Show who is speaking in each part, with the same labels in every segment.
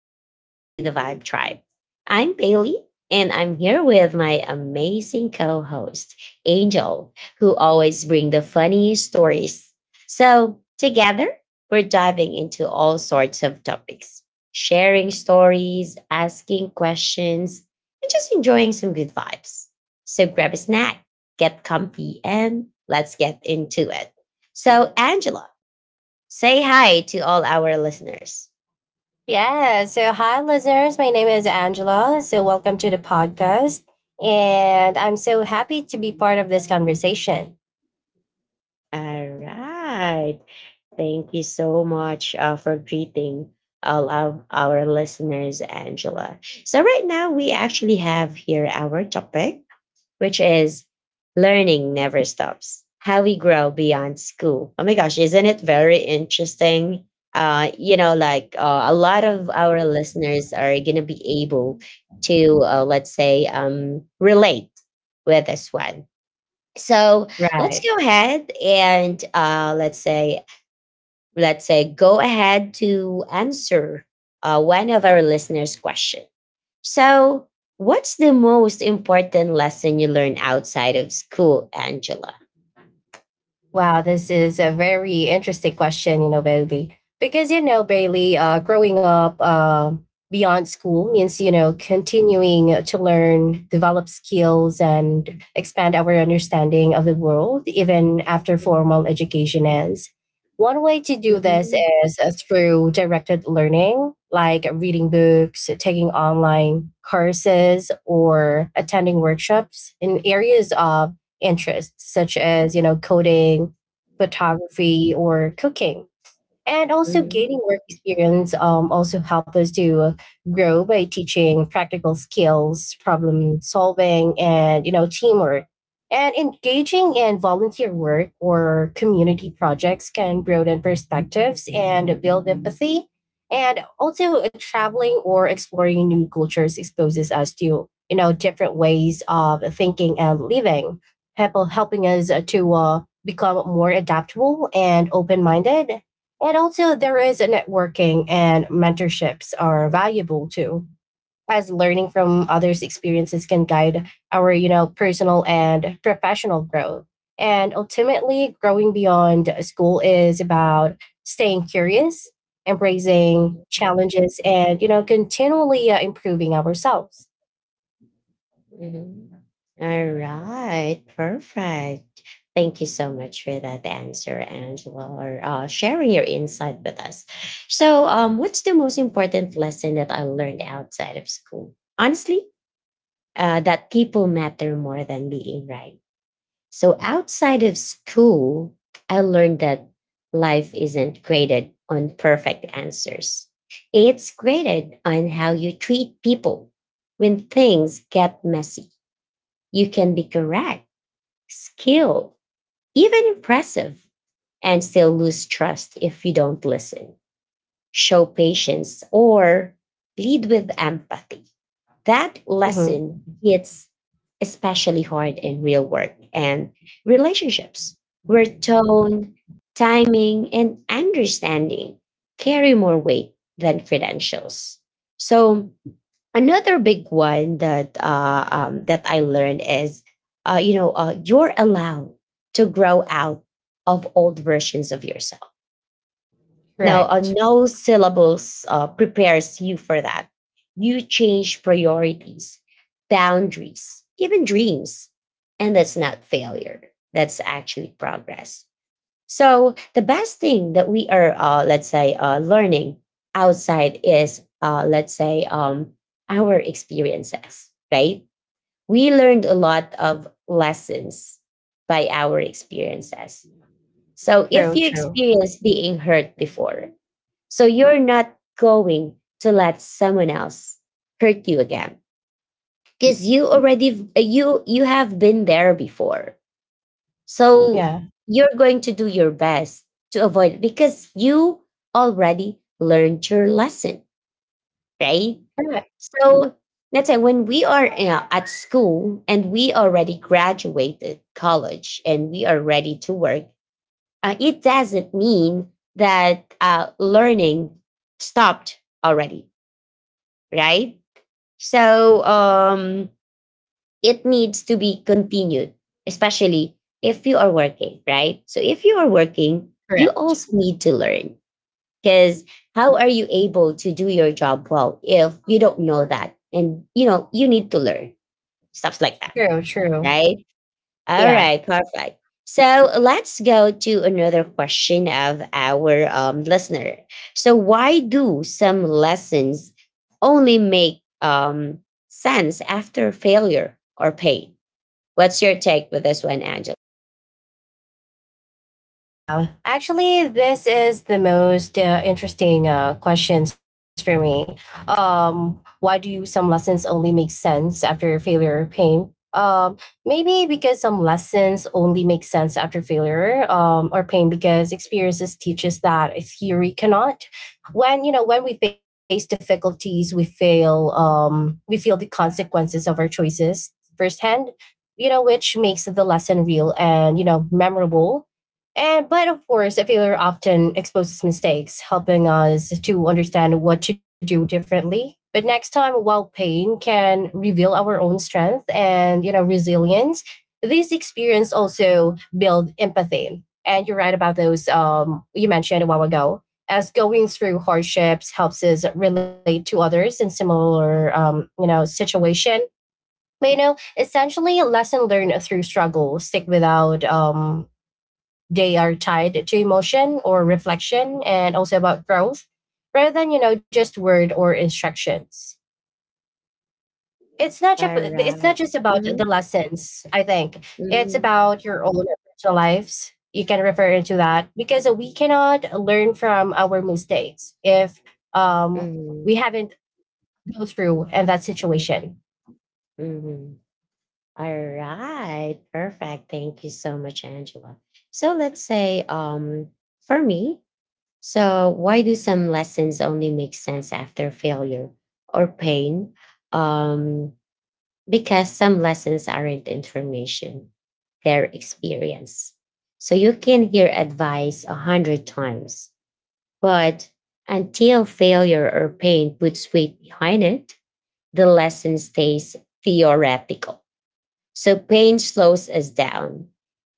Speaker 1: welcome to the Vibe Tribe. I'm Bailey and I'm here with my amazing co-host, Angel, who always bring the funny stories. So, together, we're diving into all sorts of topics, sharing stories, asking questions, and just enjoying some good vibes. So, grab a snack, get comfy, and let's get into it. So, Angela, say hi to all our listeners.
Speaker 2: Yeah. So, hi, listeners. My name is Angela. So, welcome to the podcast. And I'm so happy to be part of this conversation.
Speaker 1: All right. Thank you so much for greeting all of our listeners, Angela. So, right now, we actually have here our topic, which is learning never stops, how we grow beyond school. Oh my gosh, isn't it very interesting? Like, a lot of our listeners are going to be able to, let's say, relate with this one, so let's
Speaker 2: Right.
Speaker 1: go ahead and let's say go ahead to answer one of our listeners' question. So, what's the most important lesson you learned outside of school, Angela?
Speaker 2: Wow, this is a very interesting question, you know, Bailey. Because, you know, Bailey, growing up beyond school means, you know, continuing to learn, develop skills, and expand our understanding of the world, even after formal education ends. One way to do this
Speaker 1: Mhm.
Speaker 2: is through directed learning, like reading books, taking online courses, or attending workshops in areas of interest, such as, you know, coding, photography, or cooking. And also
Speaker 1: Mhm.
Speaker 2: gaining work experience also help us to grow by teaching practical skills, problem solving, and, you know, teamwork. And engaging in volunteer work or community projects can broaden perspectives and build empathy. And also, traveling or exploring new cultures exposes us to, you know, different ways of thinking and living, helping us to become more adaptable and open-minded. And also, there is a networking and mentorships are valuable too, as learning from others' experiences can guide our, you know, personal and professional growth. And ultimately, growing beyond school is about staying curious, embracing
Speaker 1: Mhm.
Speaker 2: challenges, and, you know, continually improving ourselves.
Speaker 1: Mhm. All right, perfect. Thank you so much for that answer, Angela, or sharing your insight with us. So, what's the most important lesson that I learned outside of school? Honestly, that people matter more than being right. So, outside of school, I learned that life isn't graded on perfect answers, it's graded on how you treat people when things get messy. You can be correct, skilled, even impressive, and still lose trust if you don't listen, show patience, or lead with empathy. That
Speaker 2: Mhm.
Speaker 1: lesson hits especially hard in real work and relationships, where tone, timing, and understanding carry more weight than credentials. So, another big one that I learned is, you're allowed to grow out of old versions of yourself. Now,
Speaker 2: Correct.
Speaker 1: no syllables prepares you for that. You change priorities, boundaries, even dreams, and that's not failure. That's actually progress. So the best thing that we are, let's say, learning outside is, let's say, our experiences, right? We learned a lot of lessons by our experiences. So if
Speaker 2: True,
Speaker 1: you
Speaker 2: true.
Speaker 1: experience being hurt before, so you're not going to let someone else hurt you again because you already you have been there before, so
Speaker 2: Yeah.
Speaker 1: you're going to do your best to avoid it because you already learned your lesson, right?
Speaker 2: Correct.
Speaker 1: So let's say when we are at school and we already graduated college and we are ready to work, it doesn't mean that learning stopped already, right? So, it needs to be continued, especially if you are working, right? So if you are working, you
Speaker 2: Correct.
Speaker 1: also need to learn because how are you able to do your job well if you don't know that? And you need to learn stuff like that,
Speaker 2: True, true.
Speaker 1: right? All
Speaker 2: Yeah.
Speaker 1: right, perfect. So let's go to another question of our listener. So, why do some lessons only make sense after failure or pain? What's your take with this one, Angela?
Speaker 2: Wow. Actually, this is the most interesting questions for me. Why do some lessons only make sense after failure or pain? Maybe because some lessons only make sense after failure or pain because experiences teaches that a theory cannot. When you know when we face difficulties, we fail. We feel the consequences of our choices firsthand. You know, which makes the lesson real and, you know, memorable. And but of course, a failure often exposes mistakes, helping us to understand what to do differently. But next time, while pain can reveal our own strength and, you know, resilience, this experience also build empathy. And you're right about those, you mentioned a while ago. As going through hardships helps us relate to others in similar, you know, situation. But you know, essentially, a lesson learned through struggle stick without, they are tied to emotion or reflection and also about growth rather than, you know, just word or instructions. it's not just
Speaker 1: All
Speaker 2: it's
Speaker 1: right.
Speaker 2: not just about
Speaker 1: Mm-hmm.
Speaker 2: the lessons. I think it's
Speaker 1: Mm-hmm.
Speaker 2: about your own personal lives. You can refer into that because we cannot learn from our mistakes if, we
Speaker 1: Mm-hmm.
Speaker 2: haven't go through in that situation.
Speaker 1: Mm-hmm. All right. Perfect. Thank you so much, Angela. So let's say, for me, so why do some lessons only make sense after failure or pain? Um, because some lessons aren't information, they're experience. So you can hear advice a hundred times, but until failure or pain puts weight behind it, the lesson stays theoretical. So pain slows us down.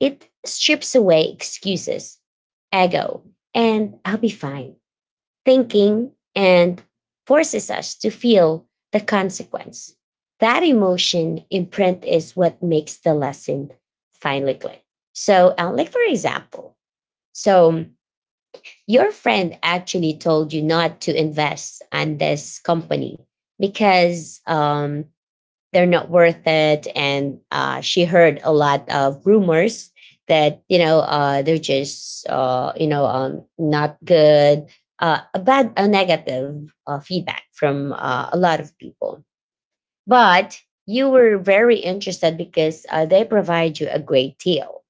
Speaker 1: It strips away excuses, ego, and I'll be fine thinking and forces us to feel the consequence. That emotion imprint is what makes the lesson finally click. So, like for example, so your friend actually told you not to invest on this company because they're not worth it. And she heard a lot of rumors that, they're just, not good, a negative feedback from a lot of people. But you were very interested because they provide you a great deal,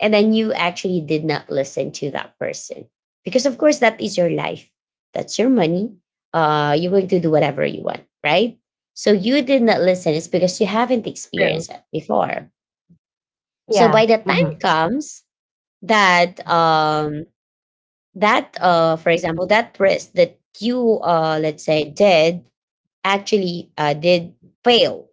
Speaker 1: and then you actually did not listen to that person because of course that is your life, that's your money. You're going to do whatever you want, right? So you did not listen. It's because you haven't
Speaker 2: True.
Speaker 1: experienced it before. So
Speaker 2: Yeah.
Speaker 1: by the time
Speaker 2: Hmm.
Speaker 1: comes that for example, that risk that you let's say did, actually did fail.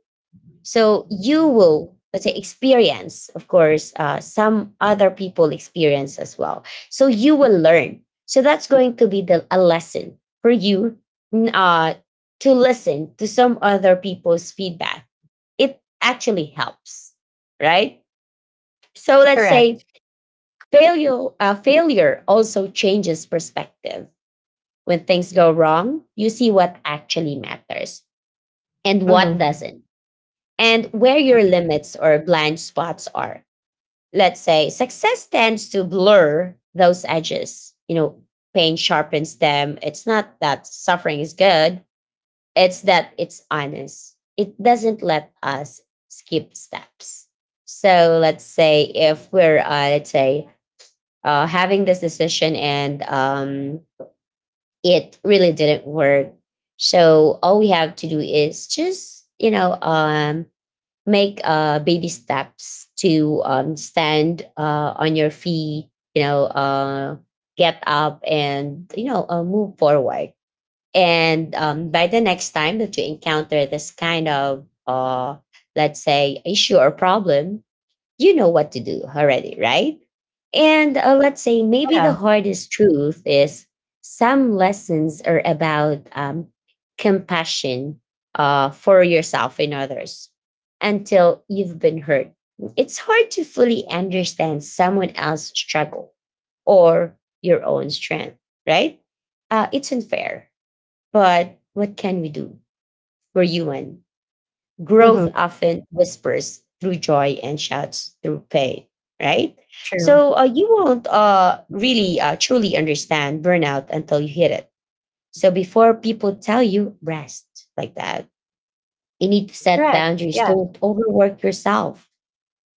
Speaker 1: So you will, let's say, experience, of course, some other people experience as well. So you will learn. So that's going to be a lesson for you, n- uh, to listen to some other people's feedback. It actually helps, right? So let's say
Speaker 2: Correct.
Speaker 1: failure also changes perspective. When things go wrong, you see what actually matters and what
Speaker 2: Hmm.
Speaker 1: doesn't, and where your limits or blind spots are. Let's say success tends to blur those edges. Pain sharpens them. It's not that suffering is good, it's that it's honest. It doesn't let us skip steps. So let's say if we're let's say having this decision and it really didn't work, so all we have to do is just make baby steps to stand on your feet, get up, and move forward. And by the next time that you encounter this kind of, let's say, issue or problem, you know what to do already, right? And let's say maybe the
Speaker 2: Yeah.
Speaker 1: hardest truth is some lessons are about compassion for yourself and others until you've been hurt. It's hard to fully understand someone else's struggle or your own strength, right? It's unfair, but what can we do? We're human. Growth
Speaker 2: Hmm.
Speaker 1: often whispers through joy and shouts through pain, right? So you
Speaker 2: True.
Speaker 1: won't really truly understand burnout until you hit it. So before people tell you rest like that, you need to set
Speaker 2: Correct.
Speaker 1: boundaries,
Speaker 2: Yeah.
Speaker 1: don't overwork yourself,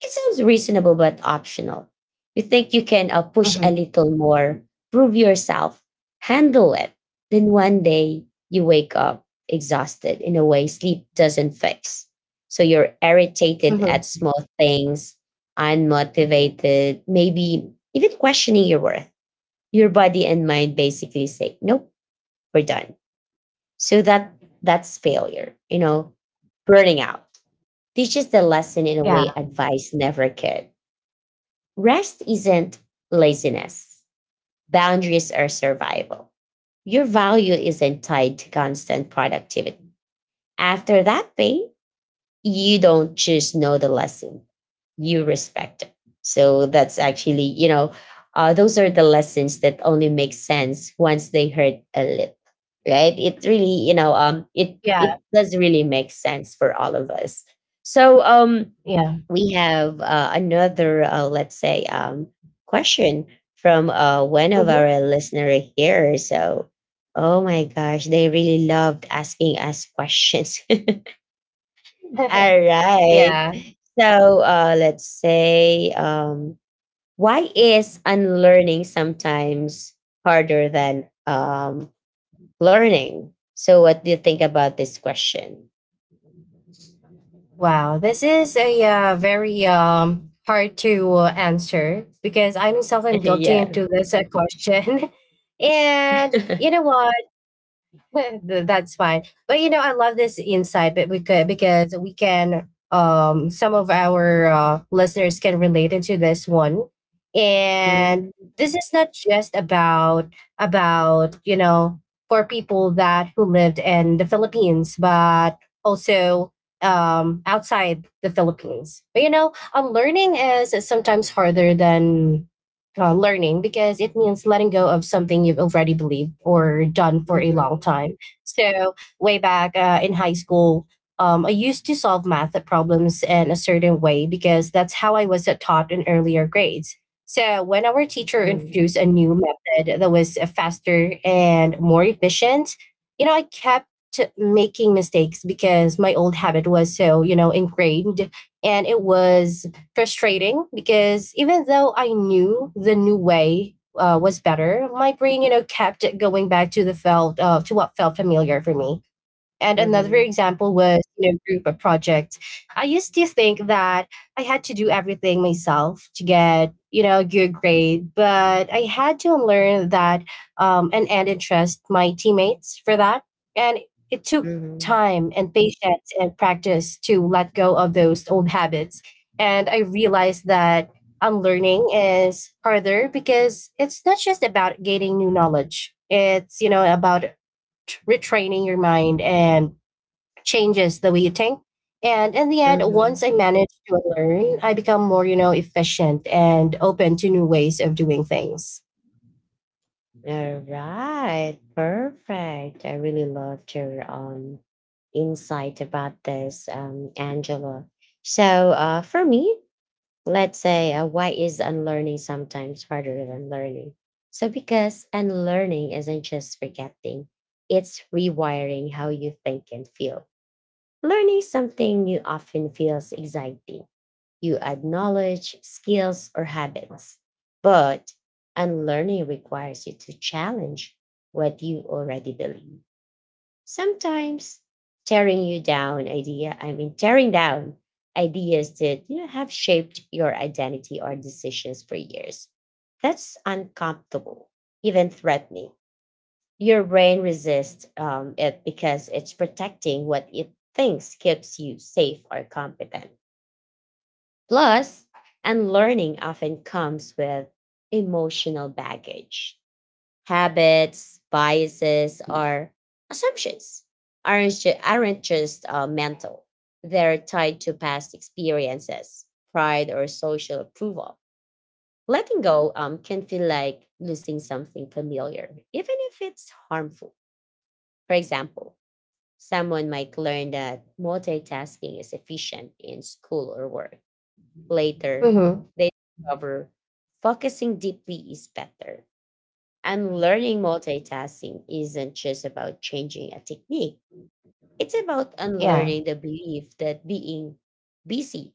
Speaker 1: it sounds reasonable but optional. You think you can push a
Speaker 2: Hmm.
Speaker 1: little more, prove yourself, handle it. Then one day you wake up exhausted in a way sleep doesn't fix. So you're irritated
Speaker 2: Hmm.
Speaker 1: at small things, unmotivated, maybe even questioning your worth. Your body and mind basically say, nope, we're done. So that's failure, burning out teaches the lesson in a
Speaker 2: Yeah.
Speaker 1: way advice never could. Rest isn't laziness. Boundaries are survival. Your value isn't tied to constant productivity. After that pain, you don't just know the lesson, you respect it. So that's actually, those are the lessons that only make sense once they hurt a little, right? It really, you know, um, it
Speaker 2: Yeah,
Speaker 1: it does really make sense for all of us. So,
Speaker 2: yeah.
Speaker 1: we have another, let's say, question from one of
Speaker 2: Mhm.
Speaker 1: our listener here. So, oh my gosh, they really loved asking us questions. All right.
Speaker 2: Yeah.
Speaker 1: So let's say, why is unlearning sometimes harder than learning? So, what do you think about this question?
Speaker 2: Wow. This is a very hard to answer because I'm seldom guilty
Speaker 1: Yeah.
Speaker 2: into this question. And you know what? That's fine. But you know, I love this insight, but we could because we can some of our listeners can relate into this one. And
Speaker 1: Mhm.
Speaker 2: this is not just about, you know, for people that who lived in the Philippines, but also outside the Philippines. But you know, learning is sometimes harder than learning because it means letting go of something you've already believed or done for a long time. So, way back in high school, I used to solve math problems in a certain way because that's how I was taught in earlier grades. So, when our teacher
Speaker 1: Mhm.
Speaker 2: introduced a new method that was faster and more efficient, you know, I kept making mistakes because my old habit was so, you know, ingrained. And it was frustrating because even though I knew the new way was better, my brain, you know, kept going back to the felt to what felt familiar for me. And another
Speaker 1: Mhm.
Speaker 2: example was, you know, group of projects. I used to think that I had to do everything myself to get, you know, a good grade, but I had to learn that, and interest my teammates for that. And it took
Speaker 1: Mhm.
Speaker 2: time and patience and practice to let go of those old habits, and I realized that unlearning is harder because it's not just about gaining new knowledge. It's, you know, about retraining your mind and changes the way you think. And in the end,
Speaker 1: Mhm.
Speaker 2: once I manage to learn, I become more, you know, efficient and open to new ways of doing things.
Speaker 1: All right, perfect. I really loved your insight about this, Angela. So, for me, let's say, why is unlearning sometimes harder than learning? So, because unlearning isn't just forgetting; it's rewiring how you think and feel. Learning something new often feels exciting. You add knowledge, skills, or habits. But unlearning requires you to challenge what you already believe. Sometimes tearing you down idea, I mean tearing down ideas that have shaped your identity or decisions for years. That's uncomfortable, even threatening. Your brain resists it because it's protecting what it thinks keeps you safe or competent. Plus, unlearning often comes with emotional baggage. Habits, biases, or assumptions aren't just mental, they're tied to past experiences, pride, or social approval. Letting go can feel like losing something familiar, even if it's harmful. For example, someone might learn that multitasking is efficient in school or work. Later,
Speaker 2: Mm-hmm.
Speaker 1: they discover focusing deeply is better. And learning multitasking isn't just about changing a technique, it's about
Speaker 2: Yeah.
Speaker 1: unlearning the belief that being busy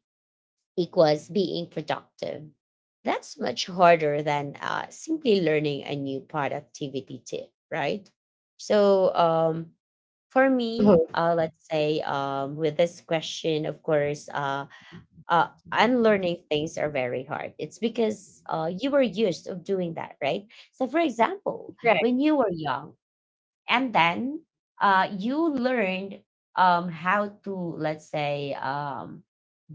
Speaker 1: equals being productive. That's much harder than simply learning a new productivity tip, right? So, for
Speaker 2: Mm-hmm.
Speaker 1: me, let's say with this question, of course, uh, unlearning things are very hard. It's because you were used of doing that, right? So, for example,
Speaker 2: Right.
Speaker 1: when you were young, and then you learned how to, let's say,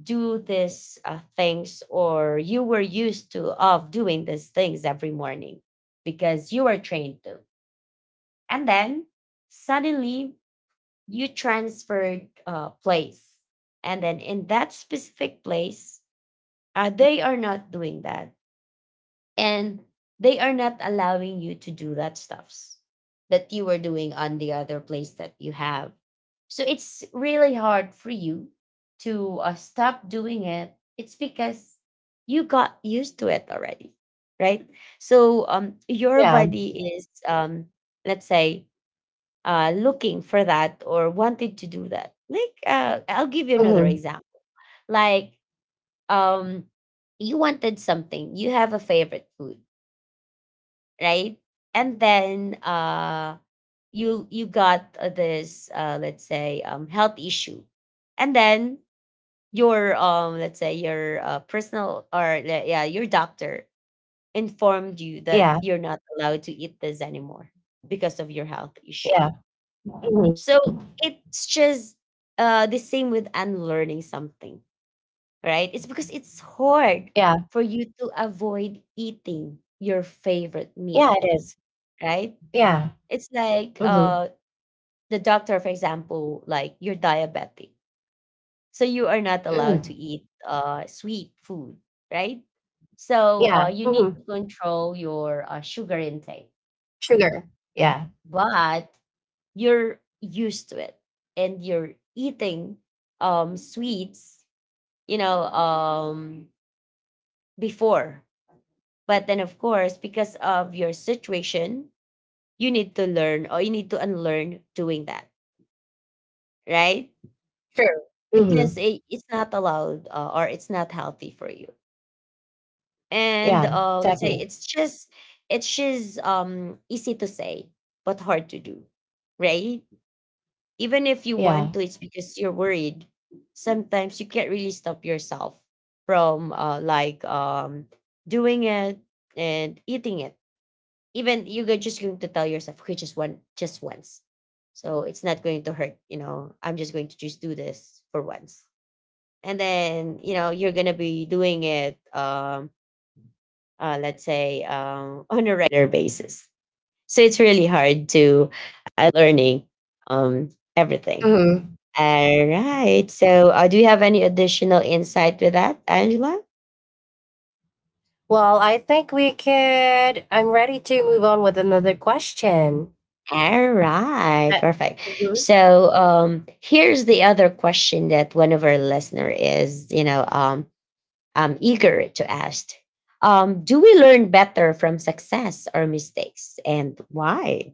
Speaker 1: do these things, or you were used to of doing these things every morning because you were trained to, and then suddenly you transferred place, and then in that specific place they are not doing that, and they are not allowing you to do that stuffs that you were doing on the other place that you have. So it's really hard for you to stop doing it. It's because you got used to it already, right? So, your
Speaker 2: Yeah.
Speaker 1: body is let's say looking for that or wanted to do that. Like, I'll give you another
Speaker 2: Mm-hmm.
Speaker 1: example. Like, um, you wanted something, you have a favorite food, right? And then you got this, let's say, health issue, and then your let's say your personal or le- yeah, your doctor informed you that
Speaker 2: Yeah.
Speaker 1: you're not allowed to eat this anymore because of your health issue.
Speaker 2: Yeah. Mm-hmm.
Speaker 1: So it's just the same with unlearning something, right? It's because it's hard
Speaker 2: Yeah.
Speaker 1: for you to avoid eating your favorite
Speaker 2: Yeah,
Speaker 1: meal,
Speaker 2: it is.
Speaker 1: right?
Speaker 2: Yeah.
Speaker 1: It's like
Speaker 2: Mm-hmm.
Speaker 1: the doctor, for example, like you're diabetic. So you are not allowed
Speaker 2: Mm.
Speaker 1: to eat sweet food, right? So
Speaker 2: Yeah.
Speaker 1: you need
Speaker 2: Mm-hmm.
Speaker 1: to control your sugar intake,
Speaker 2: Sugar. Yeah.
Speaker 1: but you're used to it, and you're eating sweets, you know, before. But then, of course, because of your situation, you need to learn or you need to unlearn doing that, right?
Speaker 2: True.
Speaker 1: Because
Speaker 2: Mhm.
Speaker 1: it's not allowed or it's not healthy for you. And
Speaker 2: Yeah,
Speaker 1: let's say
Speaker 2: exactly.
Speaker 1: it's just it's just easy to say but hard to do, right? Even if you
Speaker 2: Yeah.
Speaker 1: want to, it's because you're worried. Sometimes you can't really stop yourself from like doing it and eating it, even you're go- just going to tell yourself, okay, just one, just once. So it's not going to hurt, you know. I'm just going to just do this for once, and then you know you're gonna be doing it, let's say, on a regular basis. So it's really hard to learning um everything.
Speaker 2: Mhm.
Speaker 1: All right. So, do you have any additional insight to that, Angela?
Speaker 2: Well, I think we could, I'm ready to move on with another question.
Speaker 1: All right,
Speaker 2: Uh,
Speaker 1: perfect.
Speaker 2: mhm.
Speaker 1: So, here's the other question that one of our listener is, you know, am eager to ask. Do we learn better from success or mistakes, and why?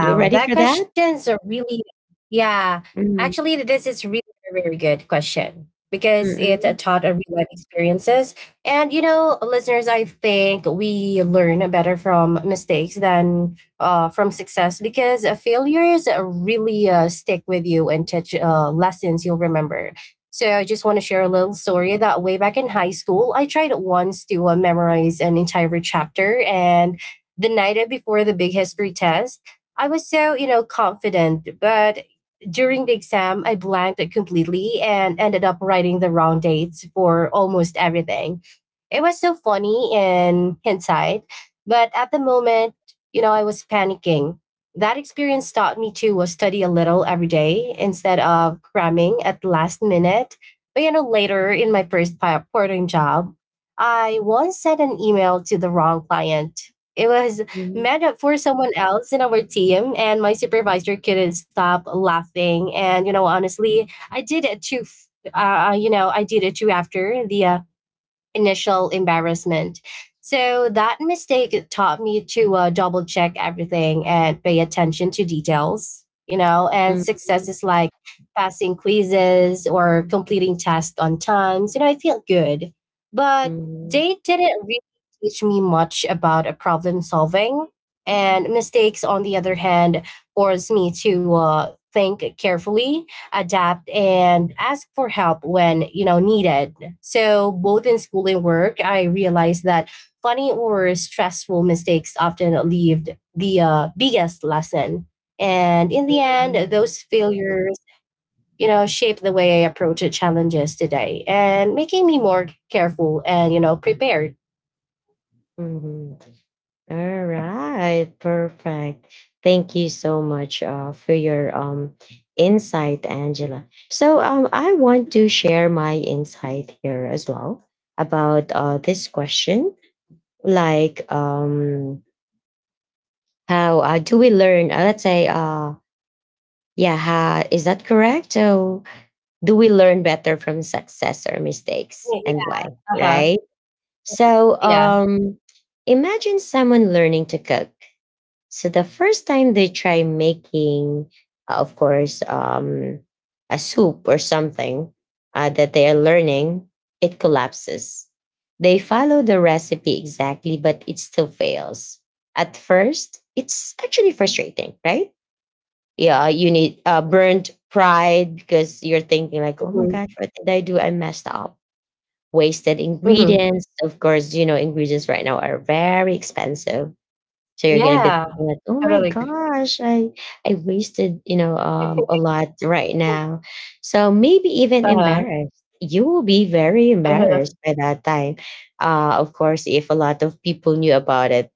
Speaker 1: You ready
Speaker 2: that
Speaker 1: for that?
Speaker 2: question's a really yeah.
Speaker 1: Mm,
Speaker 2: Actually, this is really a very good question because it
Speaker 1: mm,
Speaker 2: taught a real life experiences. And you know, listeners, I think we learn better from mistakes than from success because failures really stick with you and teach lessons you'll remember. So I just want to share a little story that way back in high school, I tried once to memorize an entire chapter. And the night before the big history test, I was so, you know, confident, but during the exam, I blanked it completely and ended up writing the wrong dates for almost everything. It was so funny in hindsight, but at the moment, you know, I was panicking. That experience taught me to study a little every day instead of cramming at the last minute. But you know, later in my first part-time job, I once sent an email to the wrong client. It was
Speaker 1: mm,
Speaker 2: made up for someone else in our team, and my supervisor couldn't stop laughing. And you know, honestly, I did it too. You know, I did it too after the initial embarrassment. So that mistake taught me to double check everything and pay attention to details, you know. And
Speaker 1: mm,
Speaker 2: success
Speaker 1: mm,
Speaker 2: is like passing quizzes or completing tasks on time. So, you know, I feel good. But
Speaker 1: mm,
Speaker 2: they didn't really teach me much about problem solving. And mistakes, on the other hand, force me to think carefully, adapt, and ask for help when, you know, needed. So, both in school and work, I realized that funny or stressful mistakes often leave the biggest lesson. And in the
Speaker 1: mm,
Speaker 2: end, those failures, you know, shape the way I approach challenges today and making me more careful and, you know, prepared.
Speaker 1: mm, mm, All right, perfect. Thank you so much for your insight, Angela. So, I want to share my insight here as well about this question, like how do we learn? Let's say, yeah, ha, is that correct? So, do we learn better from success or mistakes, and why?
Speaker 2: Yeah. Uh-huh.
Speaker 1: Right. So,
Speaker 2: Yeah.
Speaker 1: imagine someone learning to cook. So the first time they try making, of course, a soup or something that they are learning, it collapses. They follow the recipe exactly, but it still fails. At first, it's actually frustrating, right? Yeah, you need burnt pride because you're thinking like, oh my
Speaker 2: Hmm.
Speaker 1: gosh, what did I do? I messed up. Wasted
Speaker 2: Hmm.
Speaker 1: ingredients. Of course, you know, ingredients right now are very expensive, so you're gonna be thinking that,
Speaker 2: Yeah.
Speaker 1: oh my
Speaker 2: Totally agree.
Speaker 1: gosh, I wasted, you know, a lot right now. So maybe even
Speaker 2: Uh-huh.
Speaker 1: embarrassed. You will be very
Speaker 2: Uh-huh.
Speaker 1: embarrassed by that time. Uh, of course, if a lot of people knew about it.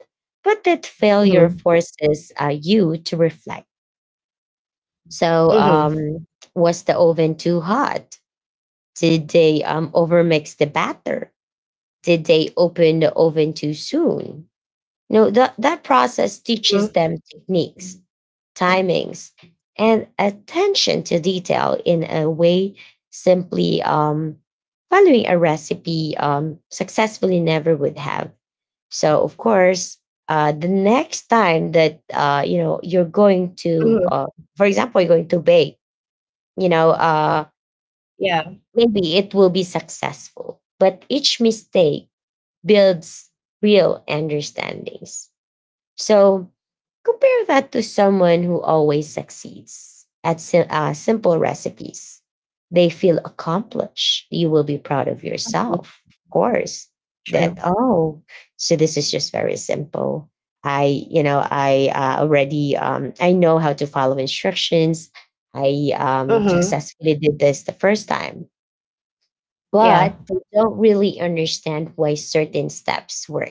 Speaker 1: But that failure
Speaker 2: Hmm.
Speaker 1: forces you to reflect. So
Speaker 2: Hmm.
Speaker 1: was the oven too hot? Did they overmix the batter? Did they open the oven too soon? You know that process
Speaker 2: Hmm.
Speaker 1: teaches them techniques, timings, and attention to detail in a way simply following a recipe successfully never would have. So, of course, the next time that you know you're going to,
Speaker 2: Hmm.
Speaker 1: for example, you're going to bake, you know,
Speaker 2: Yeah.
Speaker 1: maybe it will be successful, but each mistake builds real understandings. So compare that to someone who always succeeds at sim- simple recipes. They feel accomplished. You will be proud of
Speaker 2: Mm-hmm.
Speaker 1: yourself, of course.
Speaker 2: True.
Speaker 1: That, oh, so this is just very simple. I, you know, I already, I know how to follow instructions. I
Speaker 2: Hmm.
Speaker 1: successfully did this the first time,
Speaker 2: Yeah.
Speaker 1: but they don't really understand why certain steps were.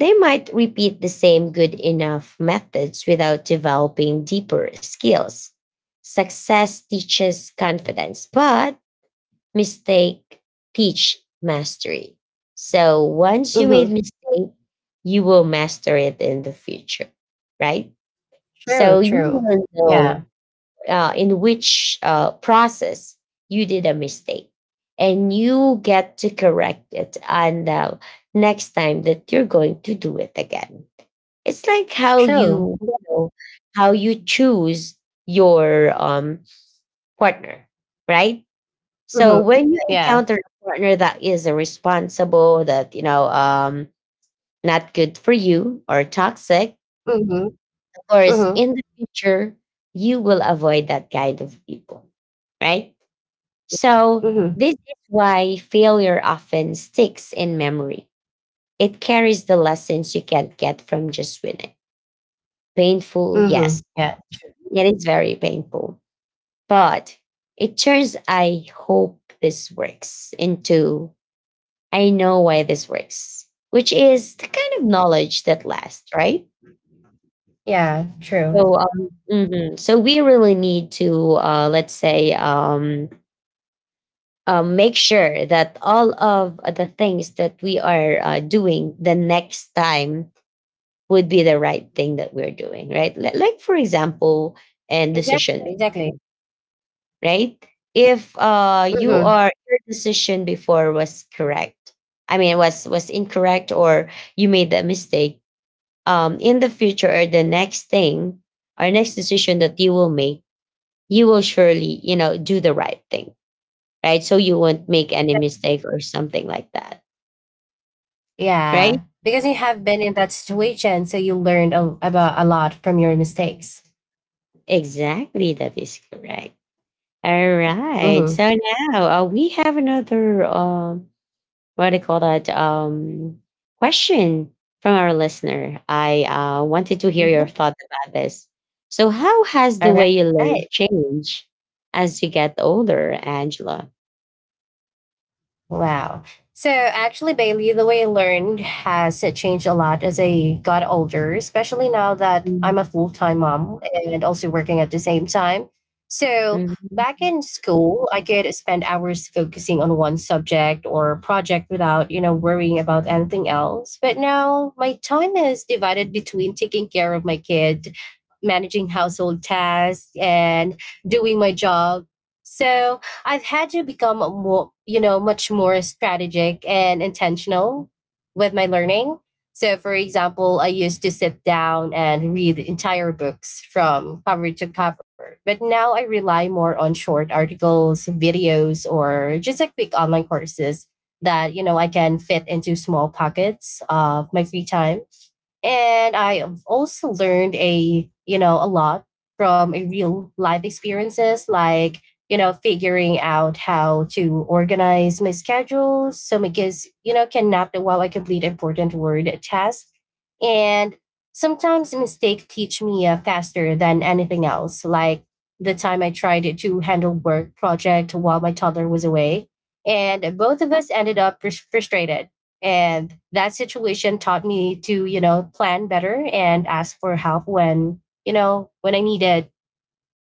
Speaker 1: They might repeat the same good enough methods without developing deeper skills. Success teaches confidence, but mistake teach mastery. So once you made
Speaker 2: Hmm.
Speaker 1: mistake, you will master it in the future, right?
Speaker 2: True,
Speaker 1: So you
Speaker 2: true.
Speaker 1: will
Speaker 2: Yeah,
Speaker 1: know in which process you did a mistake, and you get to correct it on the next time that you're going to do it again. It's like how
Speaker 2: true.
Speaker 1: you, you know, how you choose your partner, right? So
Speaker 2: Mhm.
Speaker 1: when you
Speaker 2: Yeah.
Speaker 1: encounter a partner that is irresponsible, that you know, not good for you or toxic,
Speaker 2: Mhm.
Speaker 1: of course,
Speaker 2: Mhm.
Speaker 1: in the future you will avoid that kind of people, right? So
Speaker 2: Yeah. Mhm.
Speaker 1: this is why failure often sticks in memory. It carries the lessons you can't get from just winning. Painful, yes.
Speaker 2: Mhm. Yeah.
Speaker 1: It is very painful, but it shows I hope this works into I know why this works, which is the kind of knowledge that lasts, right?
Speaker 2: Yeah, true.
Speaker 1: So, mhm, so we really need to, let's say, make sure that all of the things that we are doing the next time would be the right thing that we're doing, right? Li- Like, for example, and
Speaker 2: Exactly,
Speaker 1: decision,
Speaker 2: exactly.
Speaker 1: right? If you
Speaker 2: Mhm.
Speaker 1: are your decision before was correct, I mean was incorrect, or you made that mistake, in the future or the next thing, or next decision that you will make, you will surely, you know, do the right thing, right? So you won't make any mistake or something like that, right?
Speaker 2: Yeah, because you have been in that situation, so you learned a, about a lot from your mistakes.
Speaker 1: Exactly, that is correct. All
Speaker 2: Mhm.
Speaker 1: right. So now we have another what do you call that, question from our listener. I wanted to hear your
Speaker 2: Mhm.
Speaker 1: thought about this. So how has the
Speaker 2: All
Speaker 1: way you
Speaker 2: right.
Speaker 1: learn changed as you get older, Angela?
Speaker 2: Wow. So actually, Bailey, the way I learned has changed a lot as I got older, especially now that
Speaker 1: Mm,
Speaker 2: I'm a full time mom and also working at the same time. So
Speaker 1: mm,
Speaker 2: back in school, I could spend hours focusing on one subject or project without, you know, worrying about anything else. But now my time is divided between taking care of my kid, managing household tasks, and doing my job. So I've had to become a more, you know, much more strategic and intentional with my learning. So, for example, I used to sit down and read entire books from cover to cover, but now I rely more on short articles, videos, or just a quick online courses that, you know, I can fit into small pockets of my free time. And I've also learned a, you know, a lot from a real life experiences like, you know, figuring out how to organize my schedule so my kids, you know, can nap while I complete important word tasks. And sometimes mistakes teach me faster than anything else. Like the time I tried to handle work project while my toddler was away, and both of us ended up frustrated. And that situation taught me to, you know, plan better and ask for help when, you know, when I needed.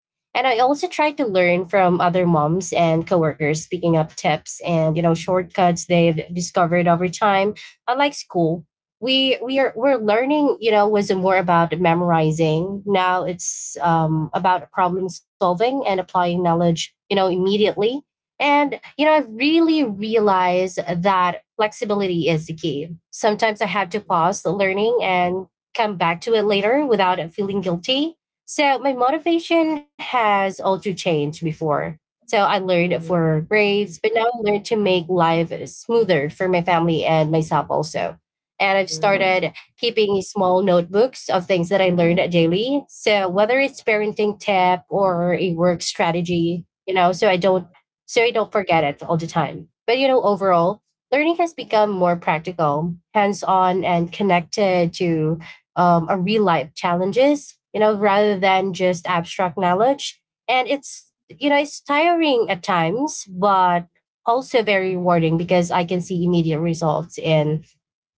Speaker 2: And I also try to learn from other moms and coworkers, picking up tips and, you know, shortcuts they've discovered over time. Unlike school, we're learning. You know, was more about memorizing. Now it's about problem solving and applying knowledge. You know, immediately. And you know, I've really realized that flexibility is the key. Sometimes I have to pause the learning and come back to it later without feeling guilty. So my motivation has also changed before. So I learned
Speaker 1: mm,
Speaker 2: for grades, but now I learned to make life smoother for my family and myself also. And I've
Speaker 1: mm.
Speaker 2: started keeping small notebooks of things that I learned daily. So whether it's parenting tip or a work strategy, so I don't forget it all the time. But overall, learning has become more practical, hands-on and connected to a real life challenges, rather than just abstract knowledge. And it's tiring at times, but also very rewarding because I can see immediate results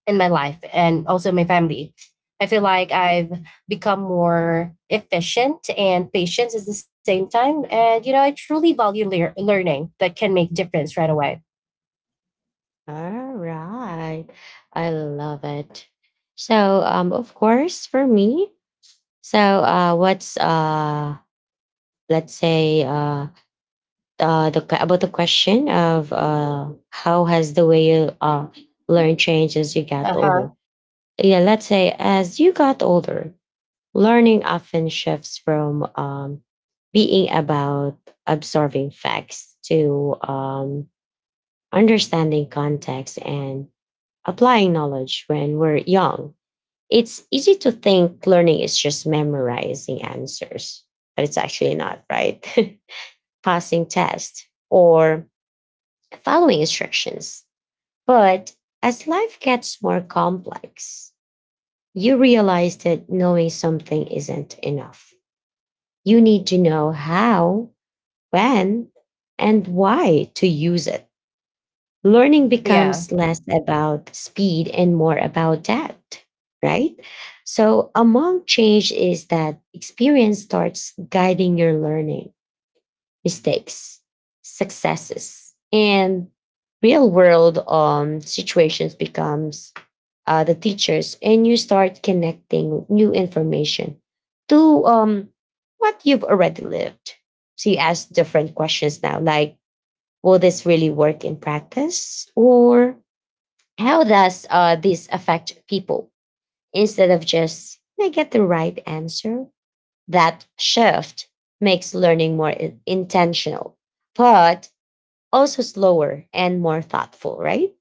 Speaker 2: in my life and also my family. I feel like I've become more efficient and patient at the same time. And, I truly value learning that can make difference right away.
Speaker 1: All right, I love it. So, of course for me, so what's let's say the que- about the question of how has the way you learn changed as you got
Speaker 2: Uh-huh.
Speaker 1: older. Yeah, let's say as you got older, learning often shifts from being about absorbing facts to understanding context and applying knowledge. When we're young, it's easy to think learning is just memorizing answers, but it's actually not, right? Passing tests or following instructions. But as life gets more complex, you realize that knowing something isn't enough. You need to know how, when, and why to use it. Learning
Speaker 2: Yeah.
Speaker 1: becomes less about speed and more about depth, right? So, among change is that experience starts guiding your learning. Mistakes, successes, and real world situations becomes the teachers, and you start connecting new information to what you've already lived. So you ask different questions now, like will this really work in practice, or how does this affect people? Instead of just can I get the right answer, that shift makes learning more intentional. But also slower and more thoughtful, right?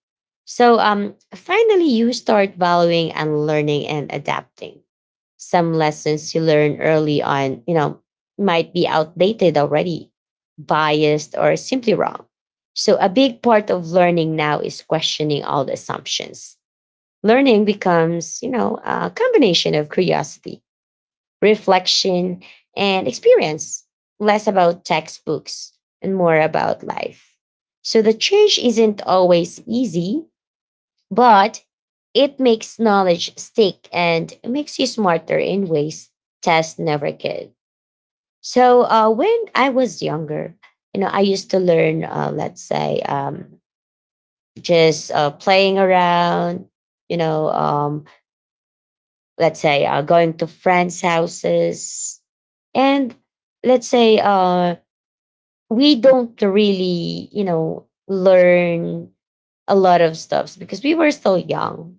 Speaker 1: So, finally, you start valuing and learning and adapting. Some lessons you learn early on, you know, might be outdated already, biased, or simply wrong. So a big part of learning now is questioning all the assumptions. Learning becomes, you know, a combination of curiosity, reflection, and experience, less about textbooks and more about life. So the change isn't always easy, but it makes knowledge stick and makes you smarter in ways tests never could. So when I was younger, you know, I used to learn, let's say, just playing around, you know, let's say going to friends' houses, and let's say we don't really, you know, learn a lot of stuff because we were still young.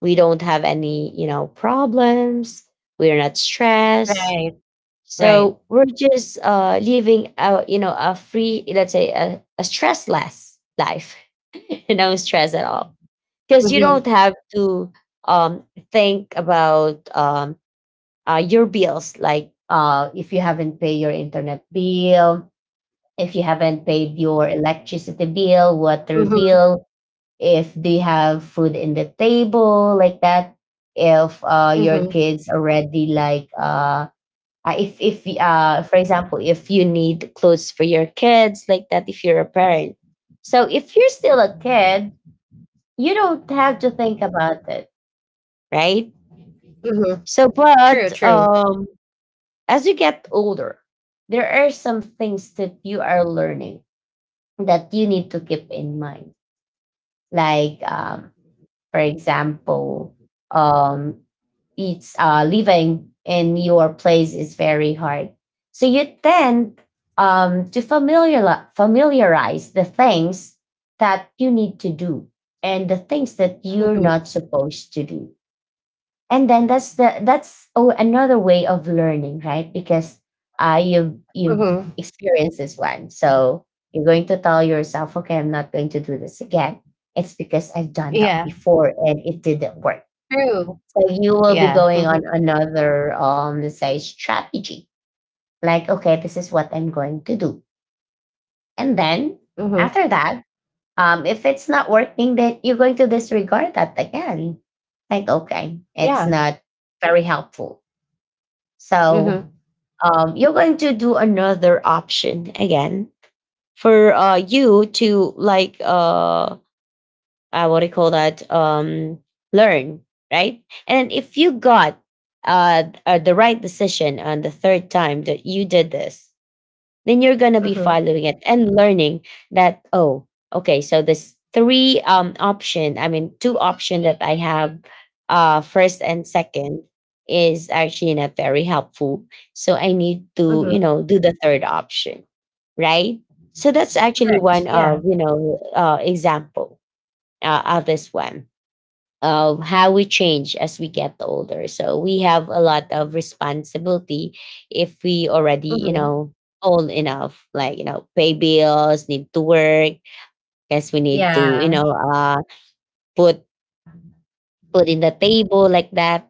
Speaker 1: We don't have any, you know, problems. We're not stressed.
Speaker 2: Right.
Speaker 1: So
Speaker 2: Right.
Speaker 1: we're just living a, you know, a free, let's say, a stressless life, no stress at all. Because you
Speaker 2: Mm-hmm.
Speaker 1: don't have to um, think about your bills, like if you haven't paid your internet bill, if you haven't paid your electricity bill, water
Speaker 2: Mm-hmm.
Speaker 1: bill, if they have food in the table, like that, if your
Speaker 2: Mm-hmm.
Speaker 1: kids already like if if for example, if you need clothes for your kids, like that, if you're a parent. So if you're still a kid, you don't have to think about it, right?
Speaker 2: Mm-hmm.
Speaker 1: So,
Speaker 2: True,
Speaker 1: but
Speaker 2: true.
Speaker 1: as you get older, there are some things that you are learning that you need to keep in mind. Like, for example, um, it's living in your place is very hard. So you tend to familiarize the things that you need to do and the things that you're
Speaker 2: Mhm.
Speaker 1: not supposed to do. And then that's another way of learning, right? Because you
Speaker 2: Mhm.
Speaker 1: experienced this one, so you're going to tell yourself, okay, I'm not going to do this again. It's because I've done that
Speaker 2: Yeah,
Speaker 1: before and it didn't work.
Speaker 2: true.
Speaker 1: So you will be
Speaker 2: Yeah.
Speaker 1: going on
Speaker 2: Mhm.
Speaker 1: another let's say strategy, like okay, this is what I'm going to do. And then
Speaker 2: Mhm.
Speaker 1: after that, if it's not working, then you're going to disregard that again, like okay, it's
Speaker 2: Yeah.
Speaker 1: not very helpful. So
Speaker 2: Mhm.
Speaker 1: you're going to do another option again for you to like what do you call that? Learn, right. And if you got the right decision on the third time that you did this, then you're going to be
Speaker 2: Mhm.
Speaker 1: following it and learning that, oh okay, so this three option, I mean two option that I have, first and second, is actually not very helpful. So I need to, you
Speaker 2: Mhm.
Speaker 1: know, do the third option, right. So that's actually
Speaker 2: Correct.
Speaker 1: one
Speaker 2: Yeah.
Speaker 1: of, you know, example of this one, of how we change as we get older. So we have a lot of responsibility if we already, you
Speaker 2: Mhm.
Speaker 1: know, old enough, like, you know, pay bills, need to work, guess we need to, you
Speaker 2: Yeah.
Speaker 1: know, uh, put put in the table like that.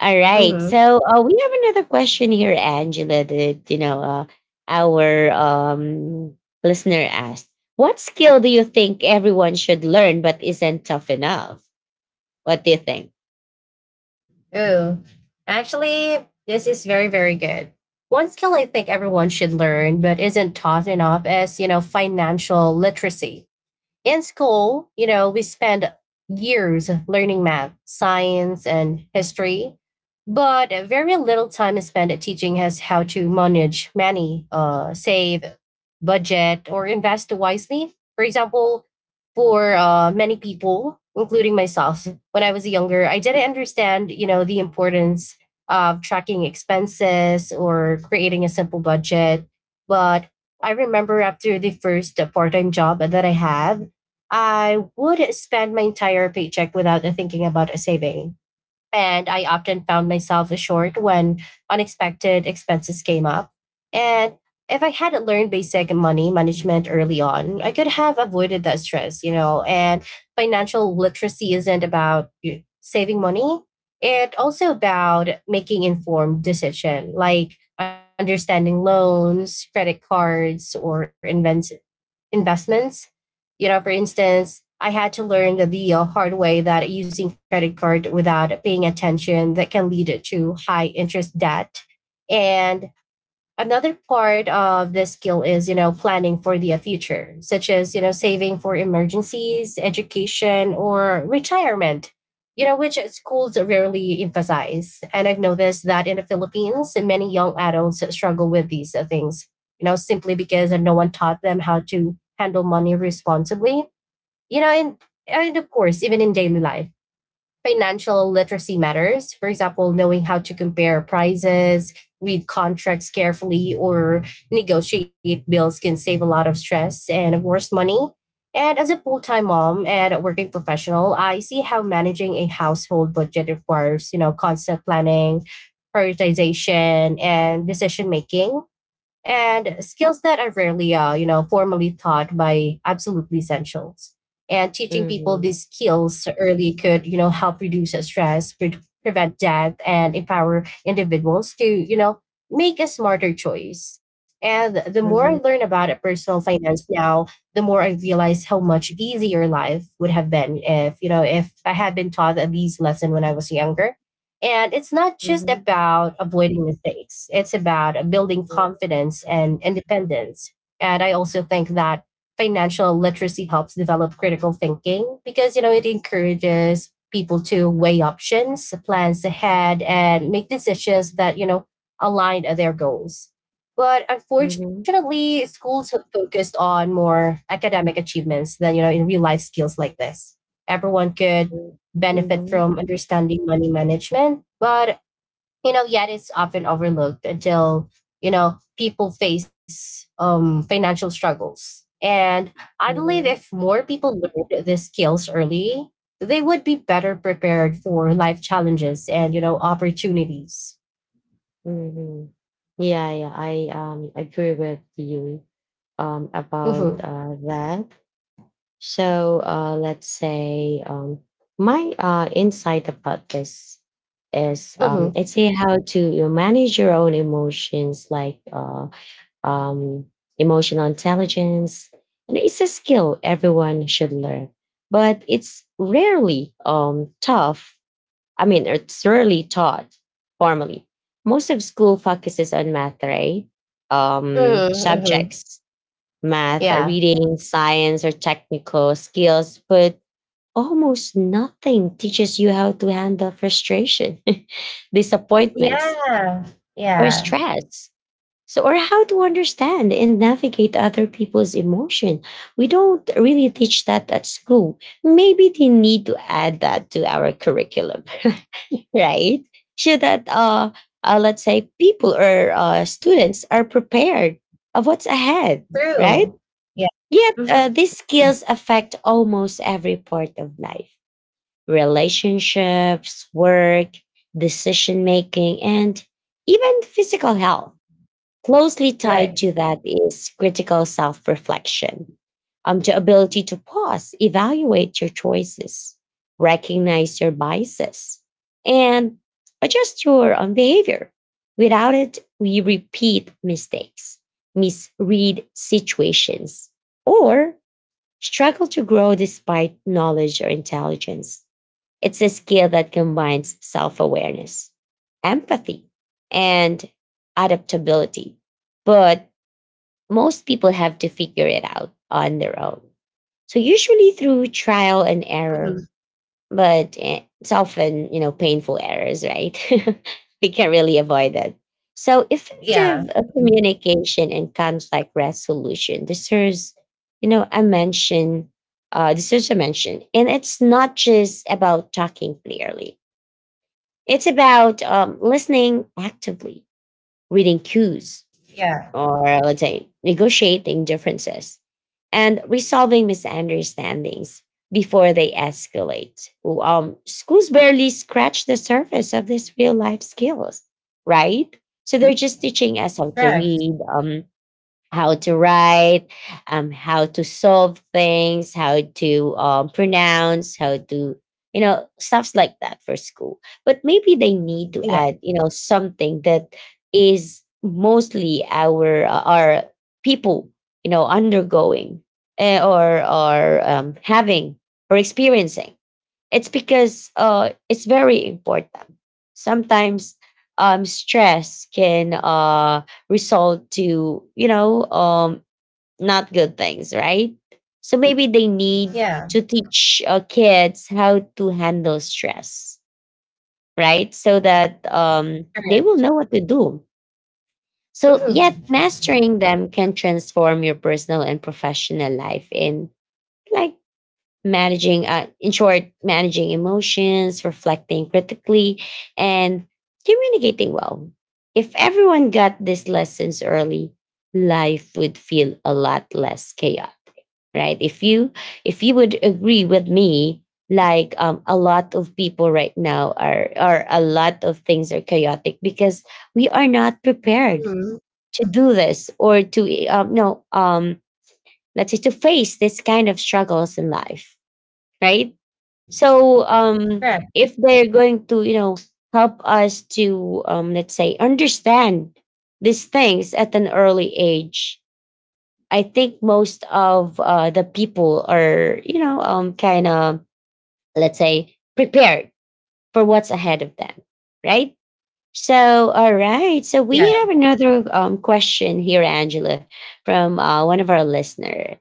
Speaker 1: All right.
Speaker 2: Mhm.
Speaker 1: So we have another question here, Angela, that, you know, our listener asked, what skill do you think everyone should learn but isn't tough enough? What do you think?
Speaker 2: Ooh. Actually, this is very, very good. One skill I think everyone should learn, but isn't taught enough, is financial literacy. In school, we spend years learning math, science, and history, but very little time is spent teaching us how to manage money, save, budget, or invest wisely. For example, for many people, including myself, when I was younger, I didn't understand, the importance of tracking expenses or creating a simple budget. But I remember after the first part time job that I had, I would spend my entire paycheck without thinking about a saving. And I often found myself short when unexpected expenses came up. And if I hadn't learned basic money management early on, I could have avoided that stress, you know. And financial literacy isn't about saving money, it's also about making informed decision, like understanding loans, credit cards, or invents investments. For instance, I had to learn the hard way that using credit card without paying attention that can lead to high interest debt. And another part of this skill is, planning for the future, such as, saving for emergencies, education, or retirement, which schools rarely emphasize. And I've noticed that in the Philippines, many young adults struggle with these things, simply because no one taught them how to handle money responsibly. you know, and and of course, even in daily life, financial literacy matters. For example, knowing how to compare prices, read contracts carefully, or negotiate bills can save a lot of stress and, of course, money. And as a full time mom and a working professional, I see how managing a household budget requires, constant planning, prioritization, and decision making and skills that are rarely, formally taught by absolutely essentials. And teaching people
Speaker 1: Mhm.
Speaker 2: these skills early could, help reduce stress, prevent debt, and empower individuals to, make a smarter choice. And the more I learn about it, personal finance now, the more I realize how much easier life would have been if, if I had been taught these lessons when I was younger. And it's not just
Speaker 1: Mhm,
Speaker 2: about avoiding mistakes, it's about building
Speaker 1: mhm,
Speaker 2: confidence and independence. And I also think that financial literacy helps develop critical thinking because, it encourages people to weigh options, plans ahead, and make decisions that, align their goals. But
Speaker 1: mhm,
Speaker 2: unfortunately, schools have focused on more academic achievements than, in real life skills like this. Everyone could
Speaker 1: mm,
Speaker 2: benefit
Speaker 1: mhm,
Speaker 2: from understanding money management, but yet it's often overlooked until people face financial struggles. And I believe
Speaker 1: mhm,
Speaker 2: if more people learned these skills early, they would be better prepared for life challenges and opportunities.
Speaker 1: mhm. Yeah, yeah, I agree with you about
Speaker 2: Mm-hmm,
Speaker 1: that. So let's say my insight about this is,
Speaker 2: mm-hmm,
Speaker 1: let's say, how to you manage your own emotions, like um emotional intelligence. And it's a skill everyone should learn, but it's rarely tough, I mean, it's rarely taught formally. Most of school focuses on math, right?
Speaker 2: mm-hmm, hmm.
Speaker 1: Subjects, math,
Speaker 2: Yeah.
Speaker 1: reading, science, or technical skills, but almost nothing teaches you how to handle frustration, disappointments,
Speaker 2: Yeah.
Speaker 1: or
Speaker 2: Yeah.
Speaker 1: stress. So, or how to understand and navigate other people's emotion. We don't really teach that at school. Maybe they need to add that to our curriculum. Right? So that let's say people or students are prepared of what's ahead,
Speaker 2: True.
Speaker 1: right?
Speaker 2: Yeah.
Speaker 1: Yet
Speaker 2: Mm-hmm.
Speaker 1: these skills affect almost every part of life: relationships, work, decision making, and even physical health. Closely
Speaker 2: Right.
Speaker 1: tied to that is critical self reflection, the ability to pause, evaluate your choices, recognize your biases, and adjust your own behavior. Without it, we repeat mistakes, misread situations, or struggle to grow despite knowledge or intelligence. It's a skill that combines self awareness, empathy, and adaptability. But most people have to figure it out on their own. So, usually through trial and
Speaker 2: Mhm.
Speaker 1: error, but it's often, you know, painful errors, right? We can't really avoid it. So,
Speaker 2: Yeah.
Speaker 1: effective
Speaker 2: Mhm.
Speaker 1: communication and conflict resolution deserves, you know, a mention deserves a mention. And it's not just about talking clearly. It's about listening actively, reading cues,
Speaker 2: Yeah.
Speaker 1: or let's say negotiating differences, and resolving misunderstandings before they escalate. Schools barely scratch the surface of these real life skills, right? So they're just teaching us how
Speaker 2: Right.
Speaker 1: to read, how to write, how to solve things, how to pronounce, how to, you know, stuffs like that for school. But maybe they
Speaker 2: Yeah,
Speaker 1: need to add, you know, something that is mostly our people, you know, undergoing, eh, or having or experiencing. It's because it's very important. Sometimes stress can result to, you know, not good things, right? So maybe they need
Speaker 2: yeah,
Speaker 1: to teach kids how to handle stress, right? So that they
Speaker 2: correct.
Speaker 1: will know what to do.
Speaker 2: Mhm,
Speaker 1: So, yet mastering them can transform your personal and professional life in, like, managing in short, managing emotions, reflecting critically, and communicating well. If everyone got these lessons early, life would feel a lot less chaotic, right? If you would agree with me, like a lot of people right now are, a lot of things are chaotic because we are not prepared
Speaker 2: mhm,
Speaker 1: to do this, or to no let's say to face this kind of struggles in life, right? So
Speaker 2: correct,
Speaker 1: if they're going to, you know, help us to, let's say, understand these things at an early age, I think most of the people are, you know, kind of, let's say, prepared for what's ahead of them, right? So, all right. So
Speaker 2: yeah.
Speaker 1: we have another question here, Angela, from one of our listener.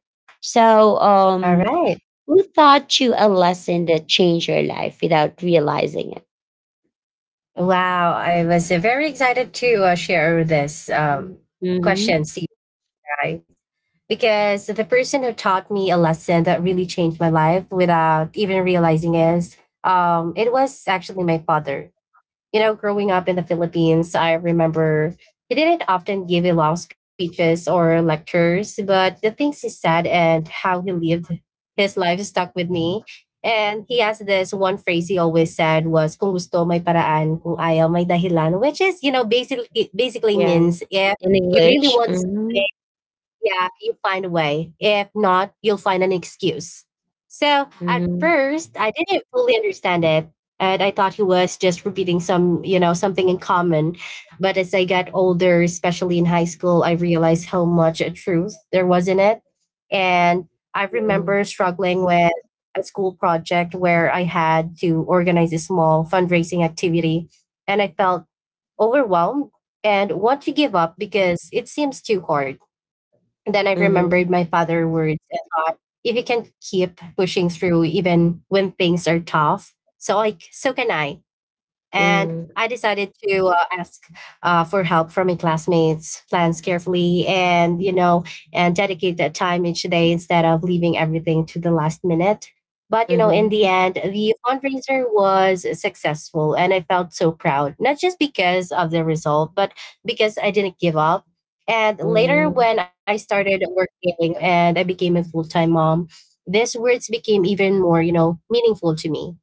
Speaker 1: So,
Speaker 2: All right.
Speaker 1: who taught you a lesson that changed your life without realizing it?
Speaker 2: Wow. I was very excited to share this
Speaker 1: Mm-hmm.
Speaker 2: question, to you guys, because the person who taught me a lesson that really changed my life without even realizing is it was actually my father. Growing up in the Philippines, I remember he didn't often give long speeches or lectures, but the things he said and how he lived his life stuck with me. And he has this one phrase he always said was "Kung gusto may paraan, kung ayaw may dahilan," which is basically
Speaker 1: Yeah,
Speaker 2: means if
Speaker 1: in
Speaker 2: you really
Speaker 1: English.
Speaker 2: want
Speaker 1: Mm-hmm.
Speaker 2: something, yeah, you find a way. If not, you'll find an excuse. So at
Speaker 1: Mm-hmm.
Speaker 2: first, I didn't fully understand it. And I thought he was just repeating some, something in common. But as I got older, especially in high school, I realized how much truth there was in it. And I remember struggling with a school project where I had to organize a small fundraising activity. And I felt overwhelmed and want to give up because it seems too hard. And then I remembered my
Speaker 1: Mm-hmm.
Speaker 2: father's words and thought, if you can keep pushing through even when things are tough, so can I. And I decided to ask for help from my classmates, plans carefully, and and dedicate that time each day instead of leaving everything to the last minute. But in the
Speaker 1: Mm-hmm.
Speaker 2: end, the fundraiser was successful, and I felt so proud. Not just because of the result, but because I didn't give up. And later,
Speaker 1: Mm-hmm.
Speaker 2: when I started working and I became a full time mom, these words became even more, meaningful to me.